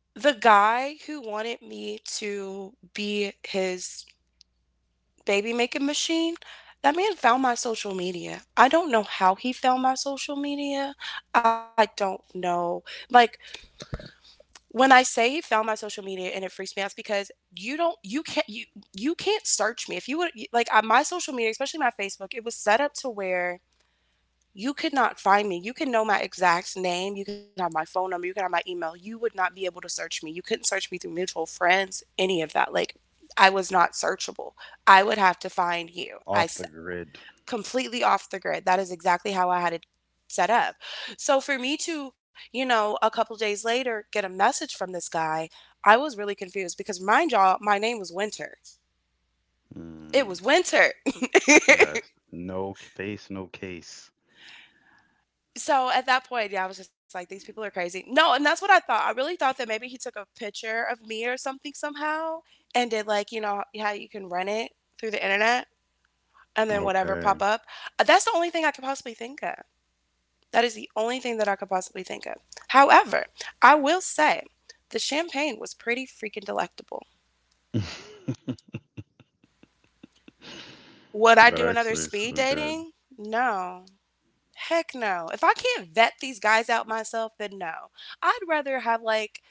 B: the guy who wanted me to be his baby making machine, that man found my social media. I don't know how he found my social media. I don't know. Like when I say he found my social media and it freaks me out, it's because you don't you can't you you can't search me. If you would, like, on my social media, especially my Facebook, it was set up to where you could not find me. You can know my exact name. You can have my phone number. You can have my email. You would not be able to search me. You couldn't search me through mutual friends, any of that. Like, I was not searchable. I would have to find you. I
A: off the grid.
B: completely off the grid. That is exactly how I had it set up. So for me to, you know, a couple days later get a message from this guy, I was really confused because, mind y'all, my name was Winter. It
A: Mm,
B: was Winter.
A: yes. No c- face, no case.
B: So at that point, yeah, I was just like, these people are crazy. No, and that's what I thought. I really thought that maybe he took a picture of me or something somehow and did, like, you know, how you can run it through the internet and then whatever
A: Okay.
B: pop up. That's the only thing I could possibly think of. That is the only thing that I could possibly think of. However, I will say the champagne was pretty freaking delectable. Would I
A: That
B: do another
A: actually is
B: speed
A: so good.
B: dating? No. Heck no. If I can't vet these guys out myself, then no. I'd rather have like,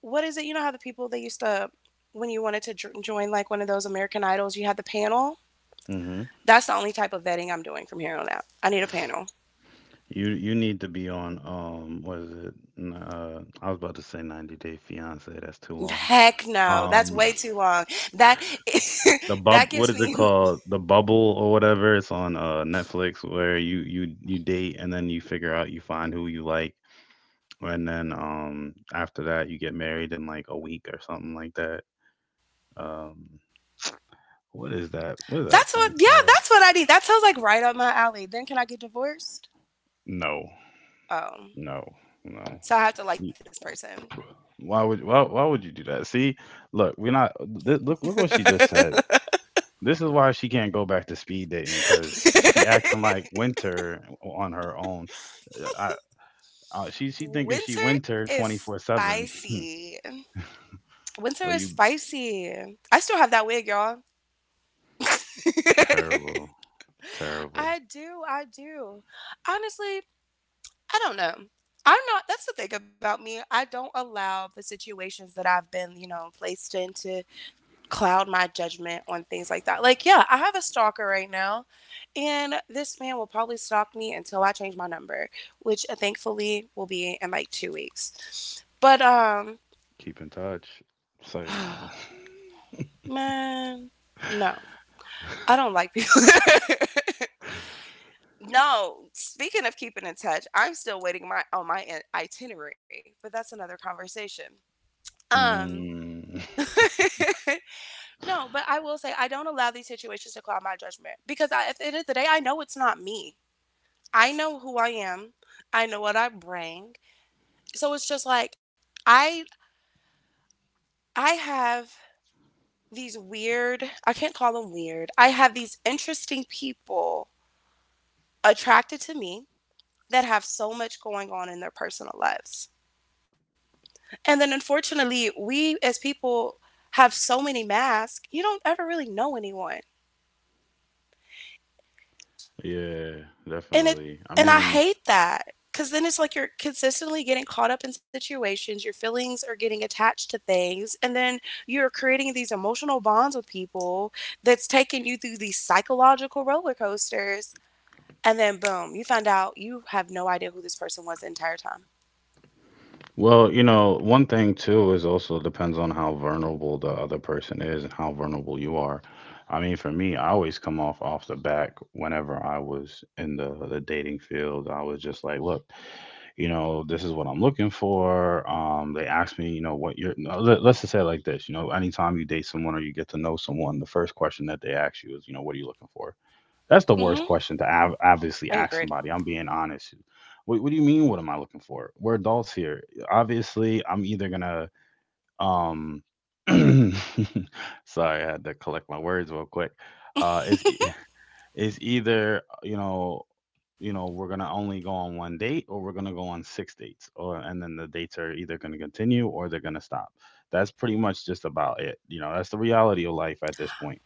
B: what is it? You know how the people they used to, when you wanted to dr- join like one of those American Idols, you had the panel?
A: Mm-hmm.
B: That's the only type of vetting I'm doing from here on out. I need a panel.
A: You you need to be on um what is it? N- Uh, I was about to say ninety Day Fiance. That's too long.
B: Heck no. That's
A: Um,
B: way too long. That
A: the bub.
B: that
A: What
B: gives
A: is it
B: me.
A: called? The Bubble or whatever. It's on uh Netflix, where you you you date and then you figure out you find who you like, and then um after that you get married in like a week or something like that. Um what is that? What is that
B: That's what,
A: thing
B: yeah,
A: called?
B: that's what I need. That sounds like right up my alley. Then can I get divorced?
A: No.
B: Oh,
A: No. No.
B: so I have to like
A: You-
B: this person.
A: Why would why, why would you do that? See, look, we're not th- look look what she just said. This is why she can't go back to speed dating, because she acting like Winter on her own. Uh, I, I she she thinking she
B: Winter
A: Winter
B: is
A: twenty-four seven.
B: spicy. Winter
A: Oh,
B: is
A: you
B: spicy. I still have that wig, y'all.
A: terrible. Terrible.
B: I do. I do. Honestly, I don't know. I'm not, that's the thing about me. I don't allow the situations that I've been, you know, placed in to cloud my judgment on things like that. Like, yeah, I have a stalker right now, and this man will probably stalk me until I change my number, which uh, thankfully will be in like two weeks. But um,
A: Keep in touch. Say
B: oh,
A: no.
B: man, no, I don't like people. No, speaking of keeping in touch, I'm still waiting my on my in- itinerary, but that's another conversation. Um,
A: Mm,
B: no, but I will say I don't allow these situations to cloud my judgment because I, at the end of the day, I know it's not me. I know who I am. I know what I bring. So it's just like I I have these weird, I can't call them weird. I have these interesting people attracted to me that have so much going on in their personal lives. And then, unfortunately, we as people have so many masks, you don't ever really know anyone.
A: yeah,
B: And it
A: definitely. I
B: and I
A: mean,
B: hate that because then it's like you're consistently getting caught up in situations, your feelings are getting attached to things, and then you're creating these emotional bonds with people that's taking you through these psychological roller coasters, and then boom, you find out you have no idea who this person was the entire time.
A: well, you know, one thing too is also depends on how vulnerable the other person is and how vulnerable you are. I mean, for me, I always come off off the back whenever I was in the the dating field. I was just like, look, you know, this is what I'm looking for. Um, they asked me, you know, what you're, no, let- let's just say it like this. You know, anytime you date someone or you get to know someone, the first question that they ask you is, you know, what are you looking for? That's the worst
B: Mhm.
A: question to ob- obviously
B: I
A: ask
B: agree.
A: somebody. I'm being honest. What, what do you mean? What am I looking for? We're adults here. Obviously, I'm either gonna um. sorry, I had to collect my words real quick. Uh, it's e- it's either, you know, you know we're gonna only go on one date, or we're gonna go on six dates, or and then the dates are either gonna continue or they're gonna stop. That's pretty much just about it. You know, that's the reality of life at this point.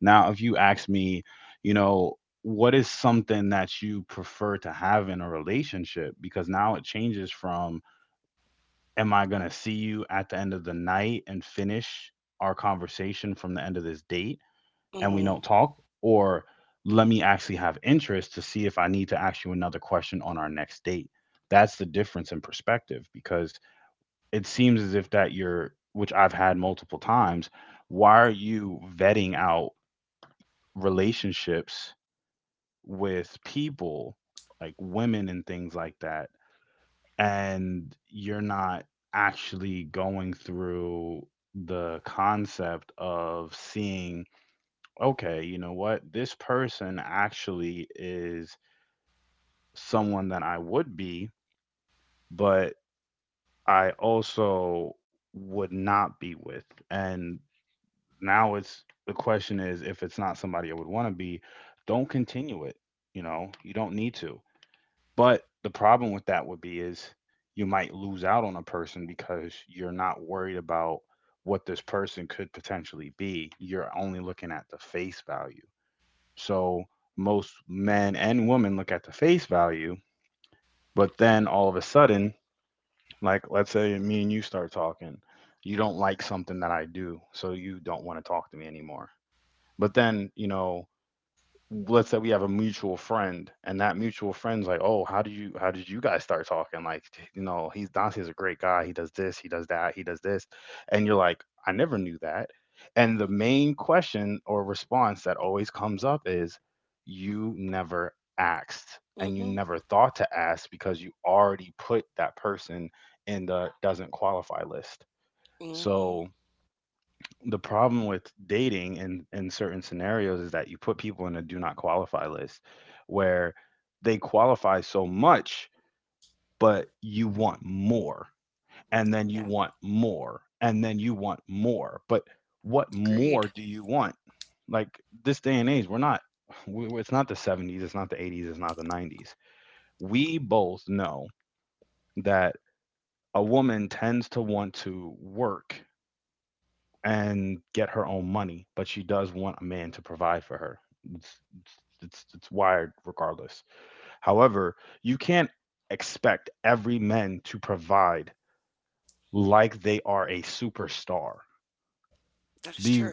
A: Now, if you ask me, you know, what is something that you prefer to have in a relationship? Because now it changes from, am I going to see you at the end of the night and finish our conversation from the end of this date, and we
B: Mhm.
A: don't talk? Or let me actually have interest to see if I need to ask you another question on our next date. That's the difference in perspective, because it seems as if that you're, which I've had multiple times, why are you vetting out relationships with people, like women and things like that, and you're not actually going through the concept of seeing, okay, you know what this person actually is someone that I would be, but I also would not be with. And now it's the question is, if it's not somebody I would want to be, don't continue it, you know, you don't need to. But the problem with that would be is you might lose out on a person because you're not worried about what this person could potentially be. You're only looking at the face value. So most men and women look at the face value, but then all of a sudden, like let's say me and you start talking, you don't like something that I do, so you don't want to talk to me anymore. But then, you know, let's say we have a mutual friend, and that mutual friend's like, "Oh, how do you how did you guys start talking? Like, you know, he's Dante's a great guy. He does this, he does that, he does this." And you're like, "I never knew that." And the
B: Mhm.
A: main question or response that always comes up is, "You never asked, and you
B: Mhm.
A: never thought to ask because you already put that person in the doesn't qualify list."
B: Mhm.
A: So the problem with dating in in certain scenarios is that you put people in a do not qualify list where they qualify so much, but you want more, and then you
B: Yeah.
A: want more, and then you want more. But what
B: Agreed.
A: more do you want? Like, this day and age, we're not we- we- it's not the seventies, it's not the eighties, it's not the nineties. We both know that a woman tends to want to work and get her own money, but she does want a man to provide for her. It's, it's, it's, wired regardless. However, you can't expect every man to provide like they are a superstar.
B: That is true.
A: Be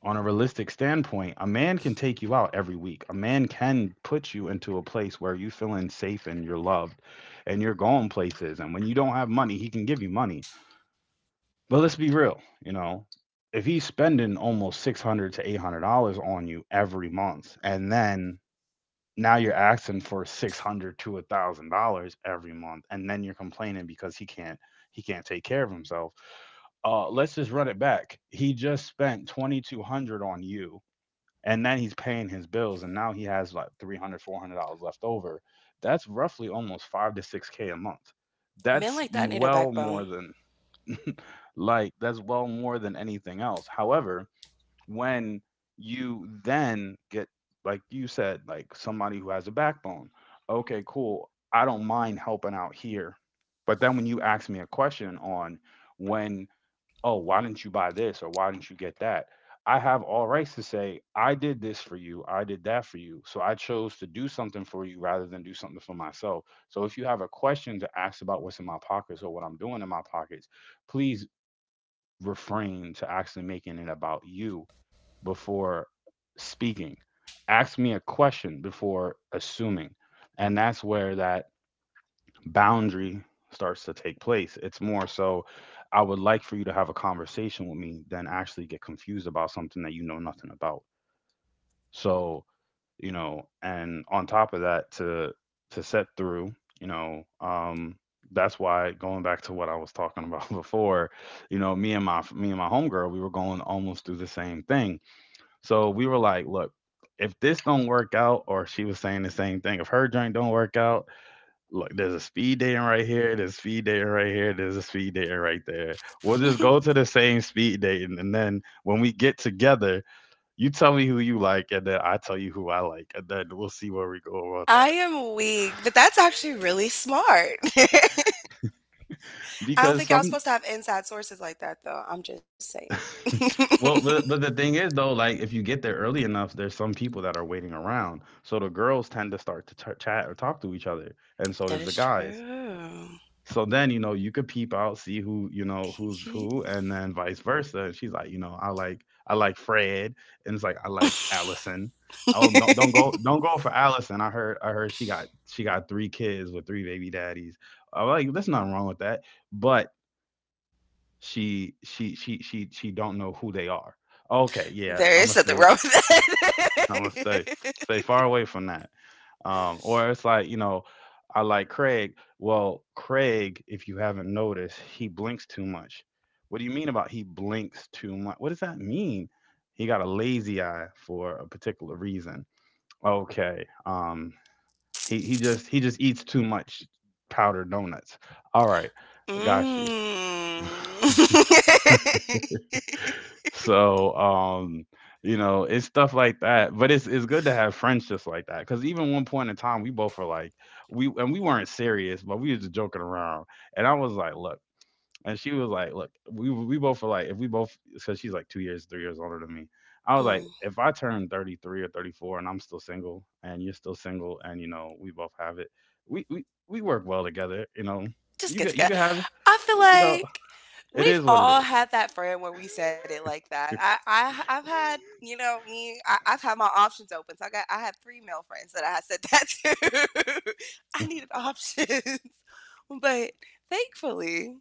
A: on a realistic standpoint, a man can take you out every week. A man can put you into a place where you're feeling safe and you're loved and you're going places. And when you don't have money, he can give you money. But let's be real, you know, if he's spending almost six hundred dollars to eight hundred dollars on you every month, and then now you're asking for six hundred dollars to a thousand dollars every month, and then you're complaining because he can't he can't take care of himself. Uh, let's just run it back. He just spent twenty two hundred dollars on you, and then he's paying his bills, and now he has like three hundred dollars, four hundred dollars left over. That's roughly almost five to six k a month.
B: Men
A: That's
B: like that need a
A: well
B: backbone.
A: more than, like, that's well more than anything else. However, when you then get, like you said, like somebody who has a backbone, okay, cool. I don't mind helping out here. But then when you ask me a question on, when, oh, why didn't you buy this, or why didn't you get that? I have all rights to say, I did this for you, I did that for you. So I chose to do something for you rather than do something for myself. So if you have a question to ask about what's in my pockets or what I'm doing in my pockets, please refrain to actually making it about you before speaking. Ask me a question before assuming. And that's where that boundary starts to take place. It's more so, I would like for you to have a conversation with me than actually get confused about something that you know nothing about. So, you know, and on top of that, to to set through, you know, um, that's why going back to what I was talking about before, you know, me and my me and my homegirl, we were going almost through the same thing. So we were like, look, if this don't work out, or she was saying the same thing, if her joint don't work out, look, there's a speed dating right here, there's speed dating right here, there's a speed dating right there. We'll just go to the same speed dating, and then when we get together, you tell me who you like, and then I tell you who I like, and then we'll see where we go about
B: I
A: that.
B: am weak, but that's actually really smart. I don't
A: Because
B: think y'all
A: some,
B: supposed to have inside sources like that, though. I'm just saying.
A: well, but, but the thing is though, like if you get there early enough, there's some people that are waiting around. So the girls tend to start to ch- chat or talk to each other, and so
B: That
A: does the
B: is
A: guys.
B: true.
A: So then, you know, you could peep out, see who, you know, who's who, and then vice versa. And she's like, you know, I like I like Fred, and it's like, I like Allison. Oh, don't don't go don't go for Allison. I heard I heard she got she got three kids with three baby daddies. I'm like, there's nothing wrong with that. But she she she she she don't know who they are. Okay, yeah,
B: There
A: I'm
B: is
A: gonna
B: something
A: stay
B: wrong with
A: I'm
B: that.
A: gonna stay stay far away from that. Um, or it's like, you know, I like Craig. Well, Craig, if you haven't noticed, he blinks too much. What do you mean about he blinks too much? What does that mean? He got a lazy eye for a particular reason. Okay. Um, he, he just he just eats too much powdered donuts. All right, I
B: Mm.
A: got you. So, um, you know, it's stuff like that. But it's it's good to have friends just like that. Cause even one point in time, we both were like, we and we weren't serious, but we was just joking around. And I was like, look, and she was like, look, we we both were like, if we both, cause she's like two years, three years older than me. I was like,
B: Mm.
A: if I turn thirty-three or thirty-four and I'm still single and you're still single and, you know, we both have it, we we, we work well together, you know.
B: Just
A: You
B: get
A: could you
B: together.
A: could have it,
B: I feel
A: you know,
B: like
A: it
B: we've
A: is what it
B: all
A: is.
B: had that friend where we said it like that. I, I I've had, you know me. I, I've had my options open. So I got I had three male friends that I had said that to. I needed options. But thankfully,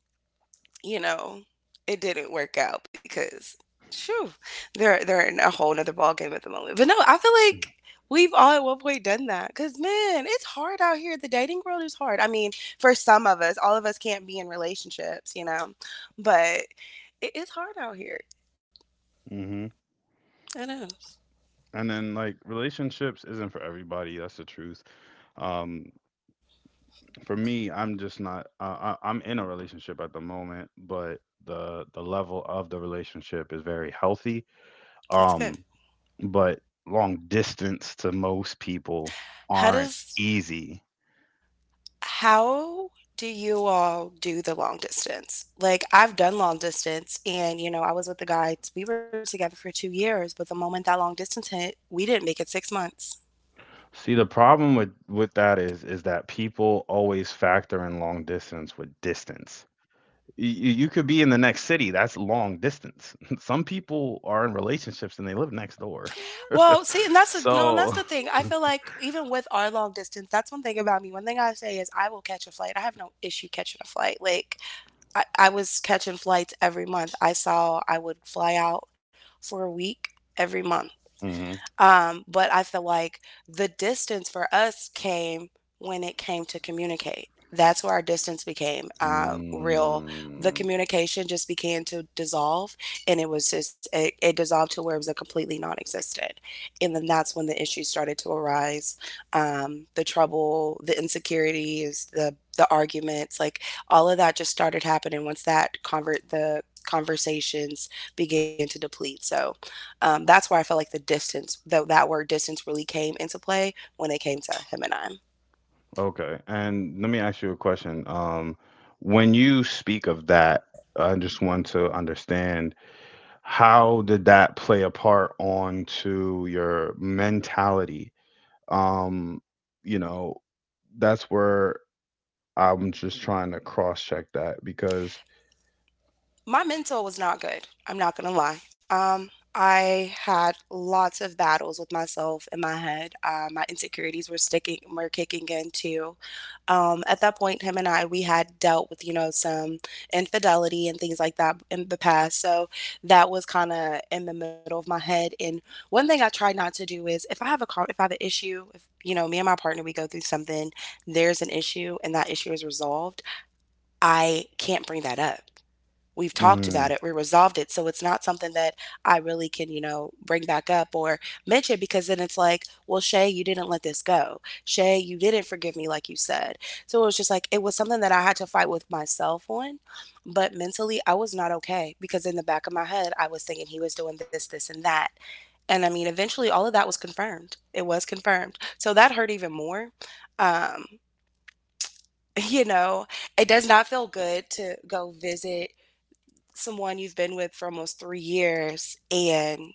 B: you know, it didn't work out because, shoo, they're they're in a whole nother ball game at the moment. But no, I feel like we've all at one point done that. Cause man, it's hard out here. The dating world is hard. I mean, for some of us, all of us can't be in relationships, you know. But it is hard out here.
A: Mhm.
B: It is.
A: And then, like, relationships isn't for everybody. That's the truth. Um, for me, I'm just not. Uh, I, I'm in a relationship at the moment, but the the level of the relationship is very healthy.
B: That's good.
A: Um, but long distance to most people
B: How
A: aren't
B: does
A: easy.
B: How do you all do the long distance? Like, I've done long distance, and, you know, I was with the guy, we were together for two years, but the moment that long distance hit, we didn't make it six months.
A: See, the problem with with that is is that people always factor in long distance with distance. You, you could be in the next city. That's long distance. Some people are in relationships and they live next door.
B: Well, see, and that's the no, and that's
A: So,
B: the thing. I feel like even with our long distance, that's one thing about me. One thing I say is I will catch a flight. I have no issue catching a flight. Like I, I was catching flights every month. I saw I would fly out for a week every month.
A: hmm.
B: Um, but I feel like the distance for us came when it came to communicate. That's where our distance became uh, real. The
A: Mm,
B: communication just began to dissolve, and it was just it, it dissolved to where it was a completely non-existent. And then that's when the issues started to arise, um, the trouble, the insecurities, the the arguments, like all of that just started happening once that convert the conversations began to deplete. So um, that's where I felt like the distance, the, that word distance really came into play when it came to him and I.
A: okay. And let me ask you a question. Um, when you speak of that, I just want to understand how did that play a part onto your mentality? Um, you know, that's where I'm just trying to cross check that because
B: My mental was not good. I'm not going to lie. Um, I had lots of battles with myself in my head. Uh, my insecurities were sticking, were kicking in too. Um, at that point, him and I, we had dealt with, you know, some infidelity and things like that in the past. So that was kind of in the middle of my head. And one thing I try not to do is if I have a, con- if I have an issue, if, you know, me and my partner, we go through something, there's an issue and that issue is resolved, I can't bring that up. We've talked
A: mm,
B: about it, we resolved it. So it's not something that I really can, you know, bring back up or mention, because then it's like, well, Shay, you didn't let this go. Shay, you didn't forgive me like you said. So it was just like, it was something that I had to fight with myself on. But mentally, I was not okay because in the back of my head, I was thinking he was doing this, this, and that. And I mean, eventually, all of that was confirmed. It was confirmed. So that hurt even more. Um, you know, it does not feel good to go visit someone you've been with for almost three years and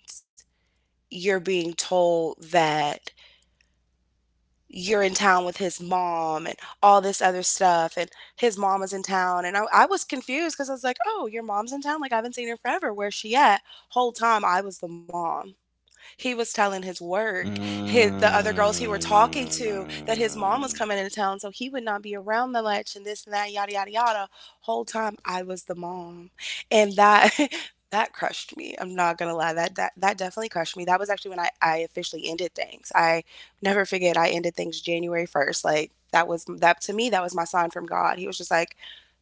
B: you're being told that you're in town with his mom and all this other stuff and his mom is in town, and i, I was confused because I was like, oh, your mom's in town, like, I haven't seen her forever, where's she at, whole time I was the mom, he was telling his work, his, the other girls he were talking to, that his mom was
A: mm,
B: coming into town, so he would not be around that much and this and that, yada yada yada. Whole time I was the mom, and that that crushed me. I'm not gonna lie, that that that definitely crushed me. That was actually when I I officially ended things. I never forget. I ended things January first. Like, that was that, to me that was my sign from God. He was just like,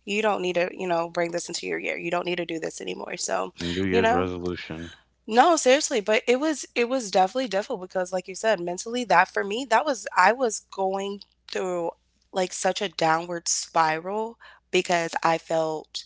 B: you don't need to, you know, bring this into your year. You don't need to do this anymore. So,
A: New
B: you
A: Year's
B: know,
A: resolution.
B: no, seriously, but it was it was definitely difficult because, like you said, mentally that for me, that was I was going through like such a downward spiral because I felt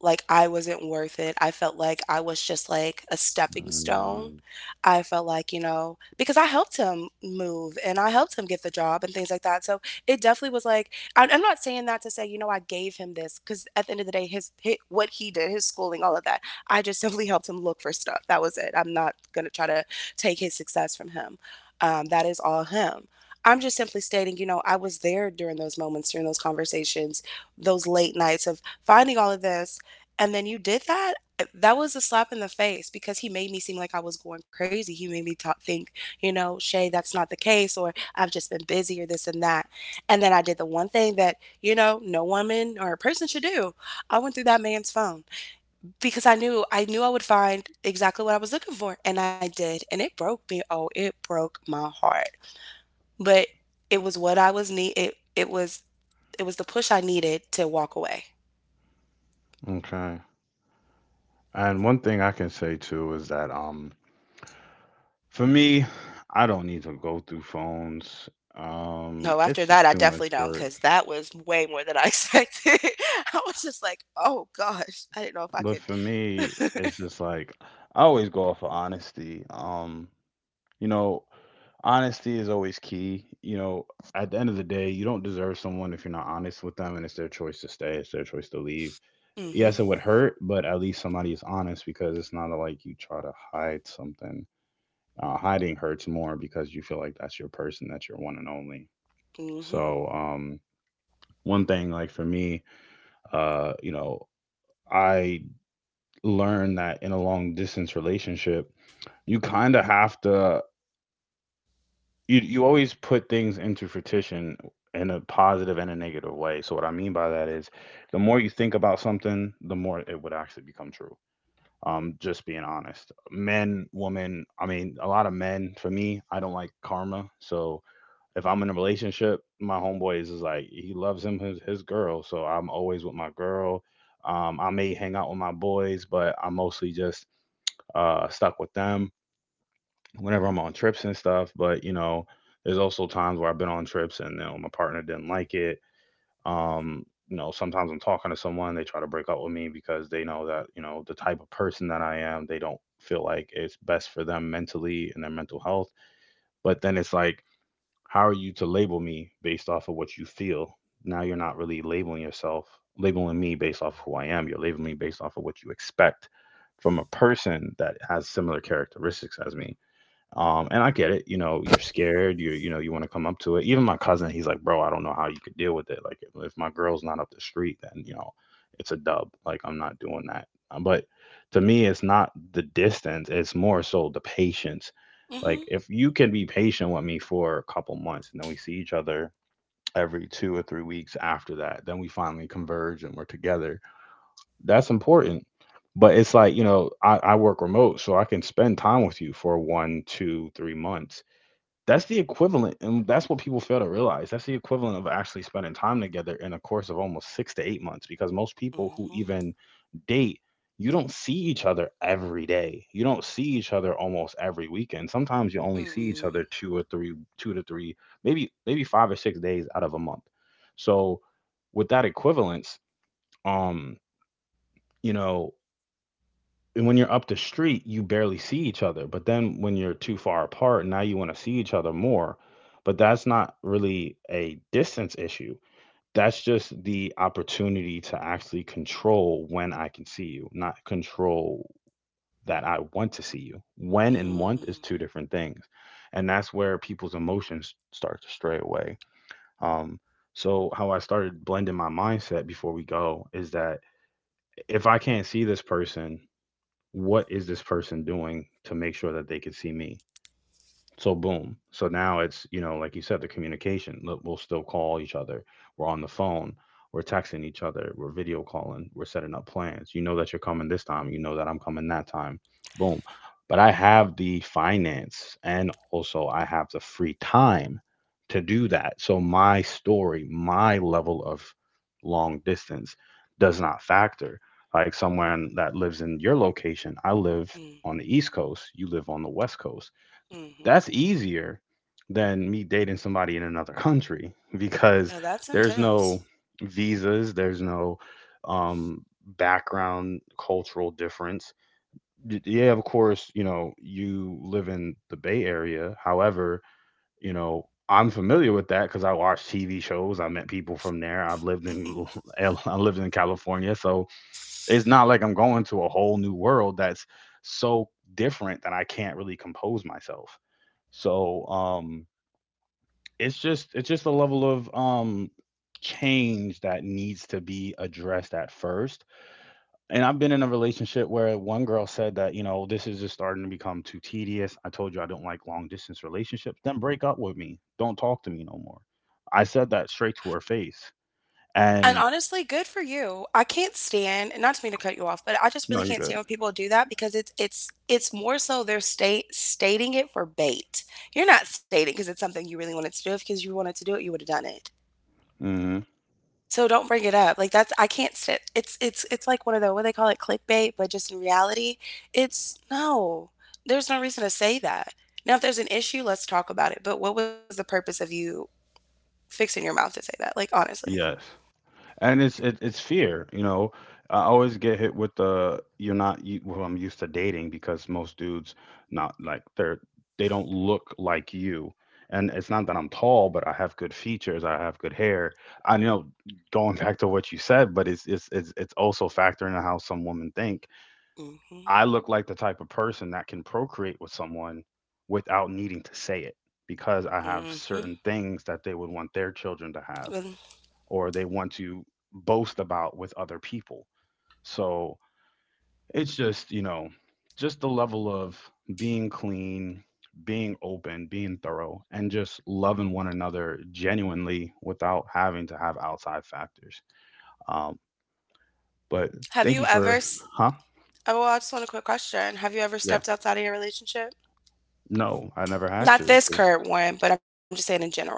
B: like I wasn't worth it. I felt like I was just like a stepping stone.
A: Mm.
B: I felt like, you know, because I helped him move and I helped him get the job and things like that. So it definitely was like, I- I'm not saying that to say, you know, I gave him this because at the end of the day, his, his what he did, his schooling, all of that I just simply helped him look for stuff. That was it. I'm not going to try to take his success from him. Um, that is all him. I'm just simply stating, you know, I was there during those moments, during those conversations, those late nights of finding all of this. And then you did that. uh, That was a slap in the face because he made me seem like I was going crazy. He made me ta think, you know, Shay, that's not the case, or I've just been busy, or this and that. And then I did the one thing that, you know, no woman or person should do. I went through that man's phone because I knew I knew I would find exactly what I was looking for, and I did, and it broke me. Oh, it broke my heart. But it was what I was need it it was it was the push I needed to walk away.
A: Okay. And one thing I can say too is that, um, for me, I don't need to go through phones. Um,
B: No, after
A: it's
B: that
A: just
B: I
A: too much
B: definitely don't,
A: work.
B: because that was way more than I expected. I was just like, oh gosh, I didn't know if I
A: But for me,
B: could.
A: it's just like I always go off of honesty. Um you know, honesty is always key. You know, at the end of the day, you don't deserve someone if you're not honest with them, and it's their choice to stay, it's their choice to leave. Yes,
B: Mhm.
A: it would hurt, but at least somebody is honest because it's not like you try to hide something. Uh, hiding hurts more because you feel like that's your person, that's your one and only.
B: Mhm.
A: So, um, one thing, like for me, uh, you know, I learned that in a long distance relationship, you kind of have to, you, you always put things into fruition in a positive and a negative way. So, what I mean by that is the more you think about something, the more it would actually become true. Um, just being honest, men, women, I mean, a lot of men, for me, I don't like karma. So, if I'm in a relationship, my homeboy is just like, he loves him his, his girl, so I'm always with my girl. Um, I may hang out with my boys, but I'm mostly just, uh, stuck with them whenever I'm on trips and stuff. But, you know, there's also times where I've been on trips and, you know, my partner didn't like it. Um, you know, sometimes I'm talking to someone, they try to break up with me because they know that, you know, the type of person that I am. They don't feel like it's best for them mentally and their mental health. But then it's like, how are you to label me based off of what you feel? Now you're not really labeling yourself, labeling me based off of who I am. You're labeling me based off of what you expect from a person that has similar characteristics as me. um, and I get it. You know, you're scared, you you know, you want to come up to it. Even my cousin, he's like, "Bro, I don't know how you could deal with it. Like, if if my girl's not up the street, then, you know, it's a dub. Like, I'm not doing that." Uh, But to me, it's not the distance, it's more so the patience. Like,
B: Mhm.
A: if you can be patient with me for a couple months and then we see each other every two or three weeks after that, then we finally converge and we're together, that's important. But it's like, you know, I, I work remote, so I can spend time with you for one, two, three months. That's the equivalent, and that's what people fail to realize. That's the equivalent of actually spending time together in a course of almost six to eight months, because most people who
B: Mhm.
A: even date, you don't see each other every day. You don't see each other almost every weekend. Sometimes you only
B: Mhm.
A: see each
B: Mhm.
A: other two or three, two to three, maybe maybe five or six days out of a month. So with that equivalence, um, you know, and when you're up the street, you barely see each other. But then when you're too far apart, now you want to see each other more. But that's not really a distance issue. That's just the opportunity to actually control when I can see you, not control that I want to see you. When and want is
B: Mhm.
A: two different things. And that's where people's emotions start to stray away. Um, so, how I started blending my mindset before we go is that if I can't see this person, what is this person doing to make sure that they can see me so boom. So now it's, you know, like you said, the communication. Look, we'll still call each other. We're on the phone. We're texting each other. We're video calling. We're setting up plans. You know that you're coming this time. You know that I'm coming that time. Boom. But I have the finance and also I have the free time to do that. So my story, my level of long distance does not factor. Like someone that lives in your location, I live on the East Coast, you live on the West Coast,
B: Mhm.
A: that's easier than me dating somebody in another country because
B: Oh, that's
A: there's
B: intense.
A: no visas, there's no um, background cultural difference. Y- Yeah, of course, you know, you live in the Bay Area. However, you know, I'm familiar with that because I watch T V shows. I met people from there. I've lived in L- I lived in California, so it's not like I'm going to a whole new world that's so different that I can't really compose myself. So um it's just it's just a level of um change that needs to be addressed at first. And I've been in a relationship where one girl said that, you know, this is just starting to become too tedious. I told you I don't like long distance relationships. Then break up with me. Don't talk to me no more. I said that straight to her face.
B: And
A: And
B: honestly, good for you. I can't stand, and not to mean to cut you off, but I just really
A: no, you're
B: can't stand
A: good.
B: when people do that, because it's it's it's more so they're state stating it for bait. You're not stating because it's something you really wanted to do. If because you wanted to do it, you would have done it.
A: Hmm.
B: So don't bring it up. Like that's I can't stand it's it's it's like one of the what they call it, clickbait, but just in reality, it's no. There's no reason to say that. Now if there's an issue, let's talk about it. But what was the purpose of you fixing your mouth to say that? Like, honestly.
A: Yes. And it's it, it's fear, you know. I always get hit with the you're not you, well I'm used to dating because most dudes, not like they're, they don't look like you. And it's not that I'm tall, but I have good features, I have good hair. I know, going back to what you said, but it's it's it's, it's also factoring in how some women think
B: Mhm.
A: I look like the type of person that can procreate with someone without needing to say it, because I have
B: Mm.
A: certain things that they would want their children to have
B: Mhm.
A: or they want to boast about with other people. So it's just, you know, just the level of being clean, being open, being thorough, and just loving one another genuinely without having to have outside factors. Um, but
B: Have
A: Thank you
B: you ever?
A: for,
B: S-
A: huh?
B: Oh, well, I just want a quick question. Have you ever
A: Yeah.
B: stepped outside of your relationship?
A: No, I never had
B: Not
A: to
B: this
A: because
B: current one, but I'm just saying in general.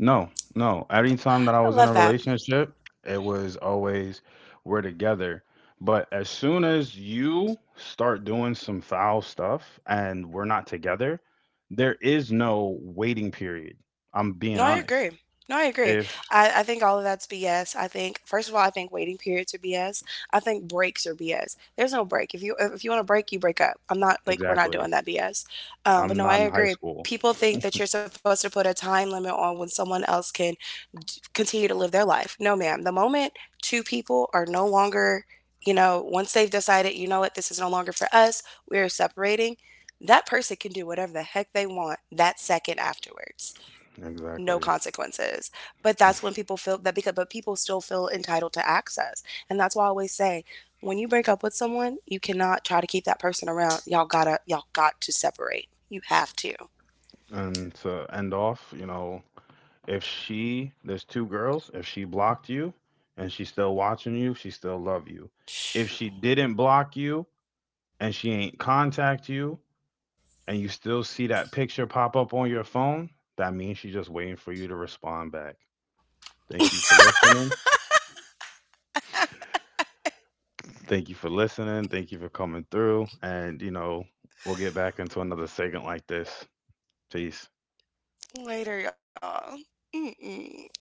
A: no, no. Every
B: I
A: time that I
B: love
A: was in a
B: that.
A: relationship, it was always we're together. But as soon as you start doing some foul stuff and we're not together, there is no waiting period. I'm being
B: No, I
A: honest.
B: agree. No, I agree.
A: If
B: I, I think all of that's B S. I think first of all, I think waiting periods are B S. I think breaks are B S. There's no break. If you if if you want to break, you break up. I'm not like we're not
A: exactly,
B: doing that B S. Um, but
A: I'm
B: no, I
A: not in high
B: agree.
A: school.
B: People think that you're supposed to put a time limit on when someone else can d- continue to live their life. No, ma'am. The moment two people are no longer, you know, once they've decided, you know what, this is no longer for us, we're separating, that person can do whatever the heck they want that second afterwards. No
A: Exactly.
B: consequences. But that's when people feel that, because but people still feel entitled to access. And that's why I always say, when you break up with someone, you cannot try to keep that person around. Y'all gotta y'all got to separate. You have to.
A: And to end off, you know, if she, there's two girls, if she blocked you and she's still watching you, she still love you. If she didn't block you, and she ain't contact you and you still see that picture pop up on your phone, that means she's just waiting for you to respond back. Thank you for listening. Thank you for listening. Thank you for coming through. And, you know, we'll get back into another segment like this. Peace.
B: Later, y'all. Mm-mm.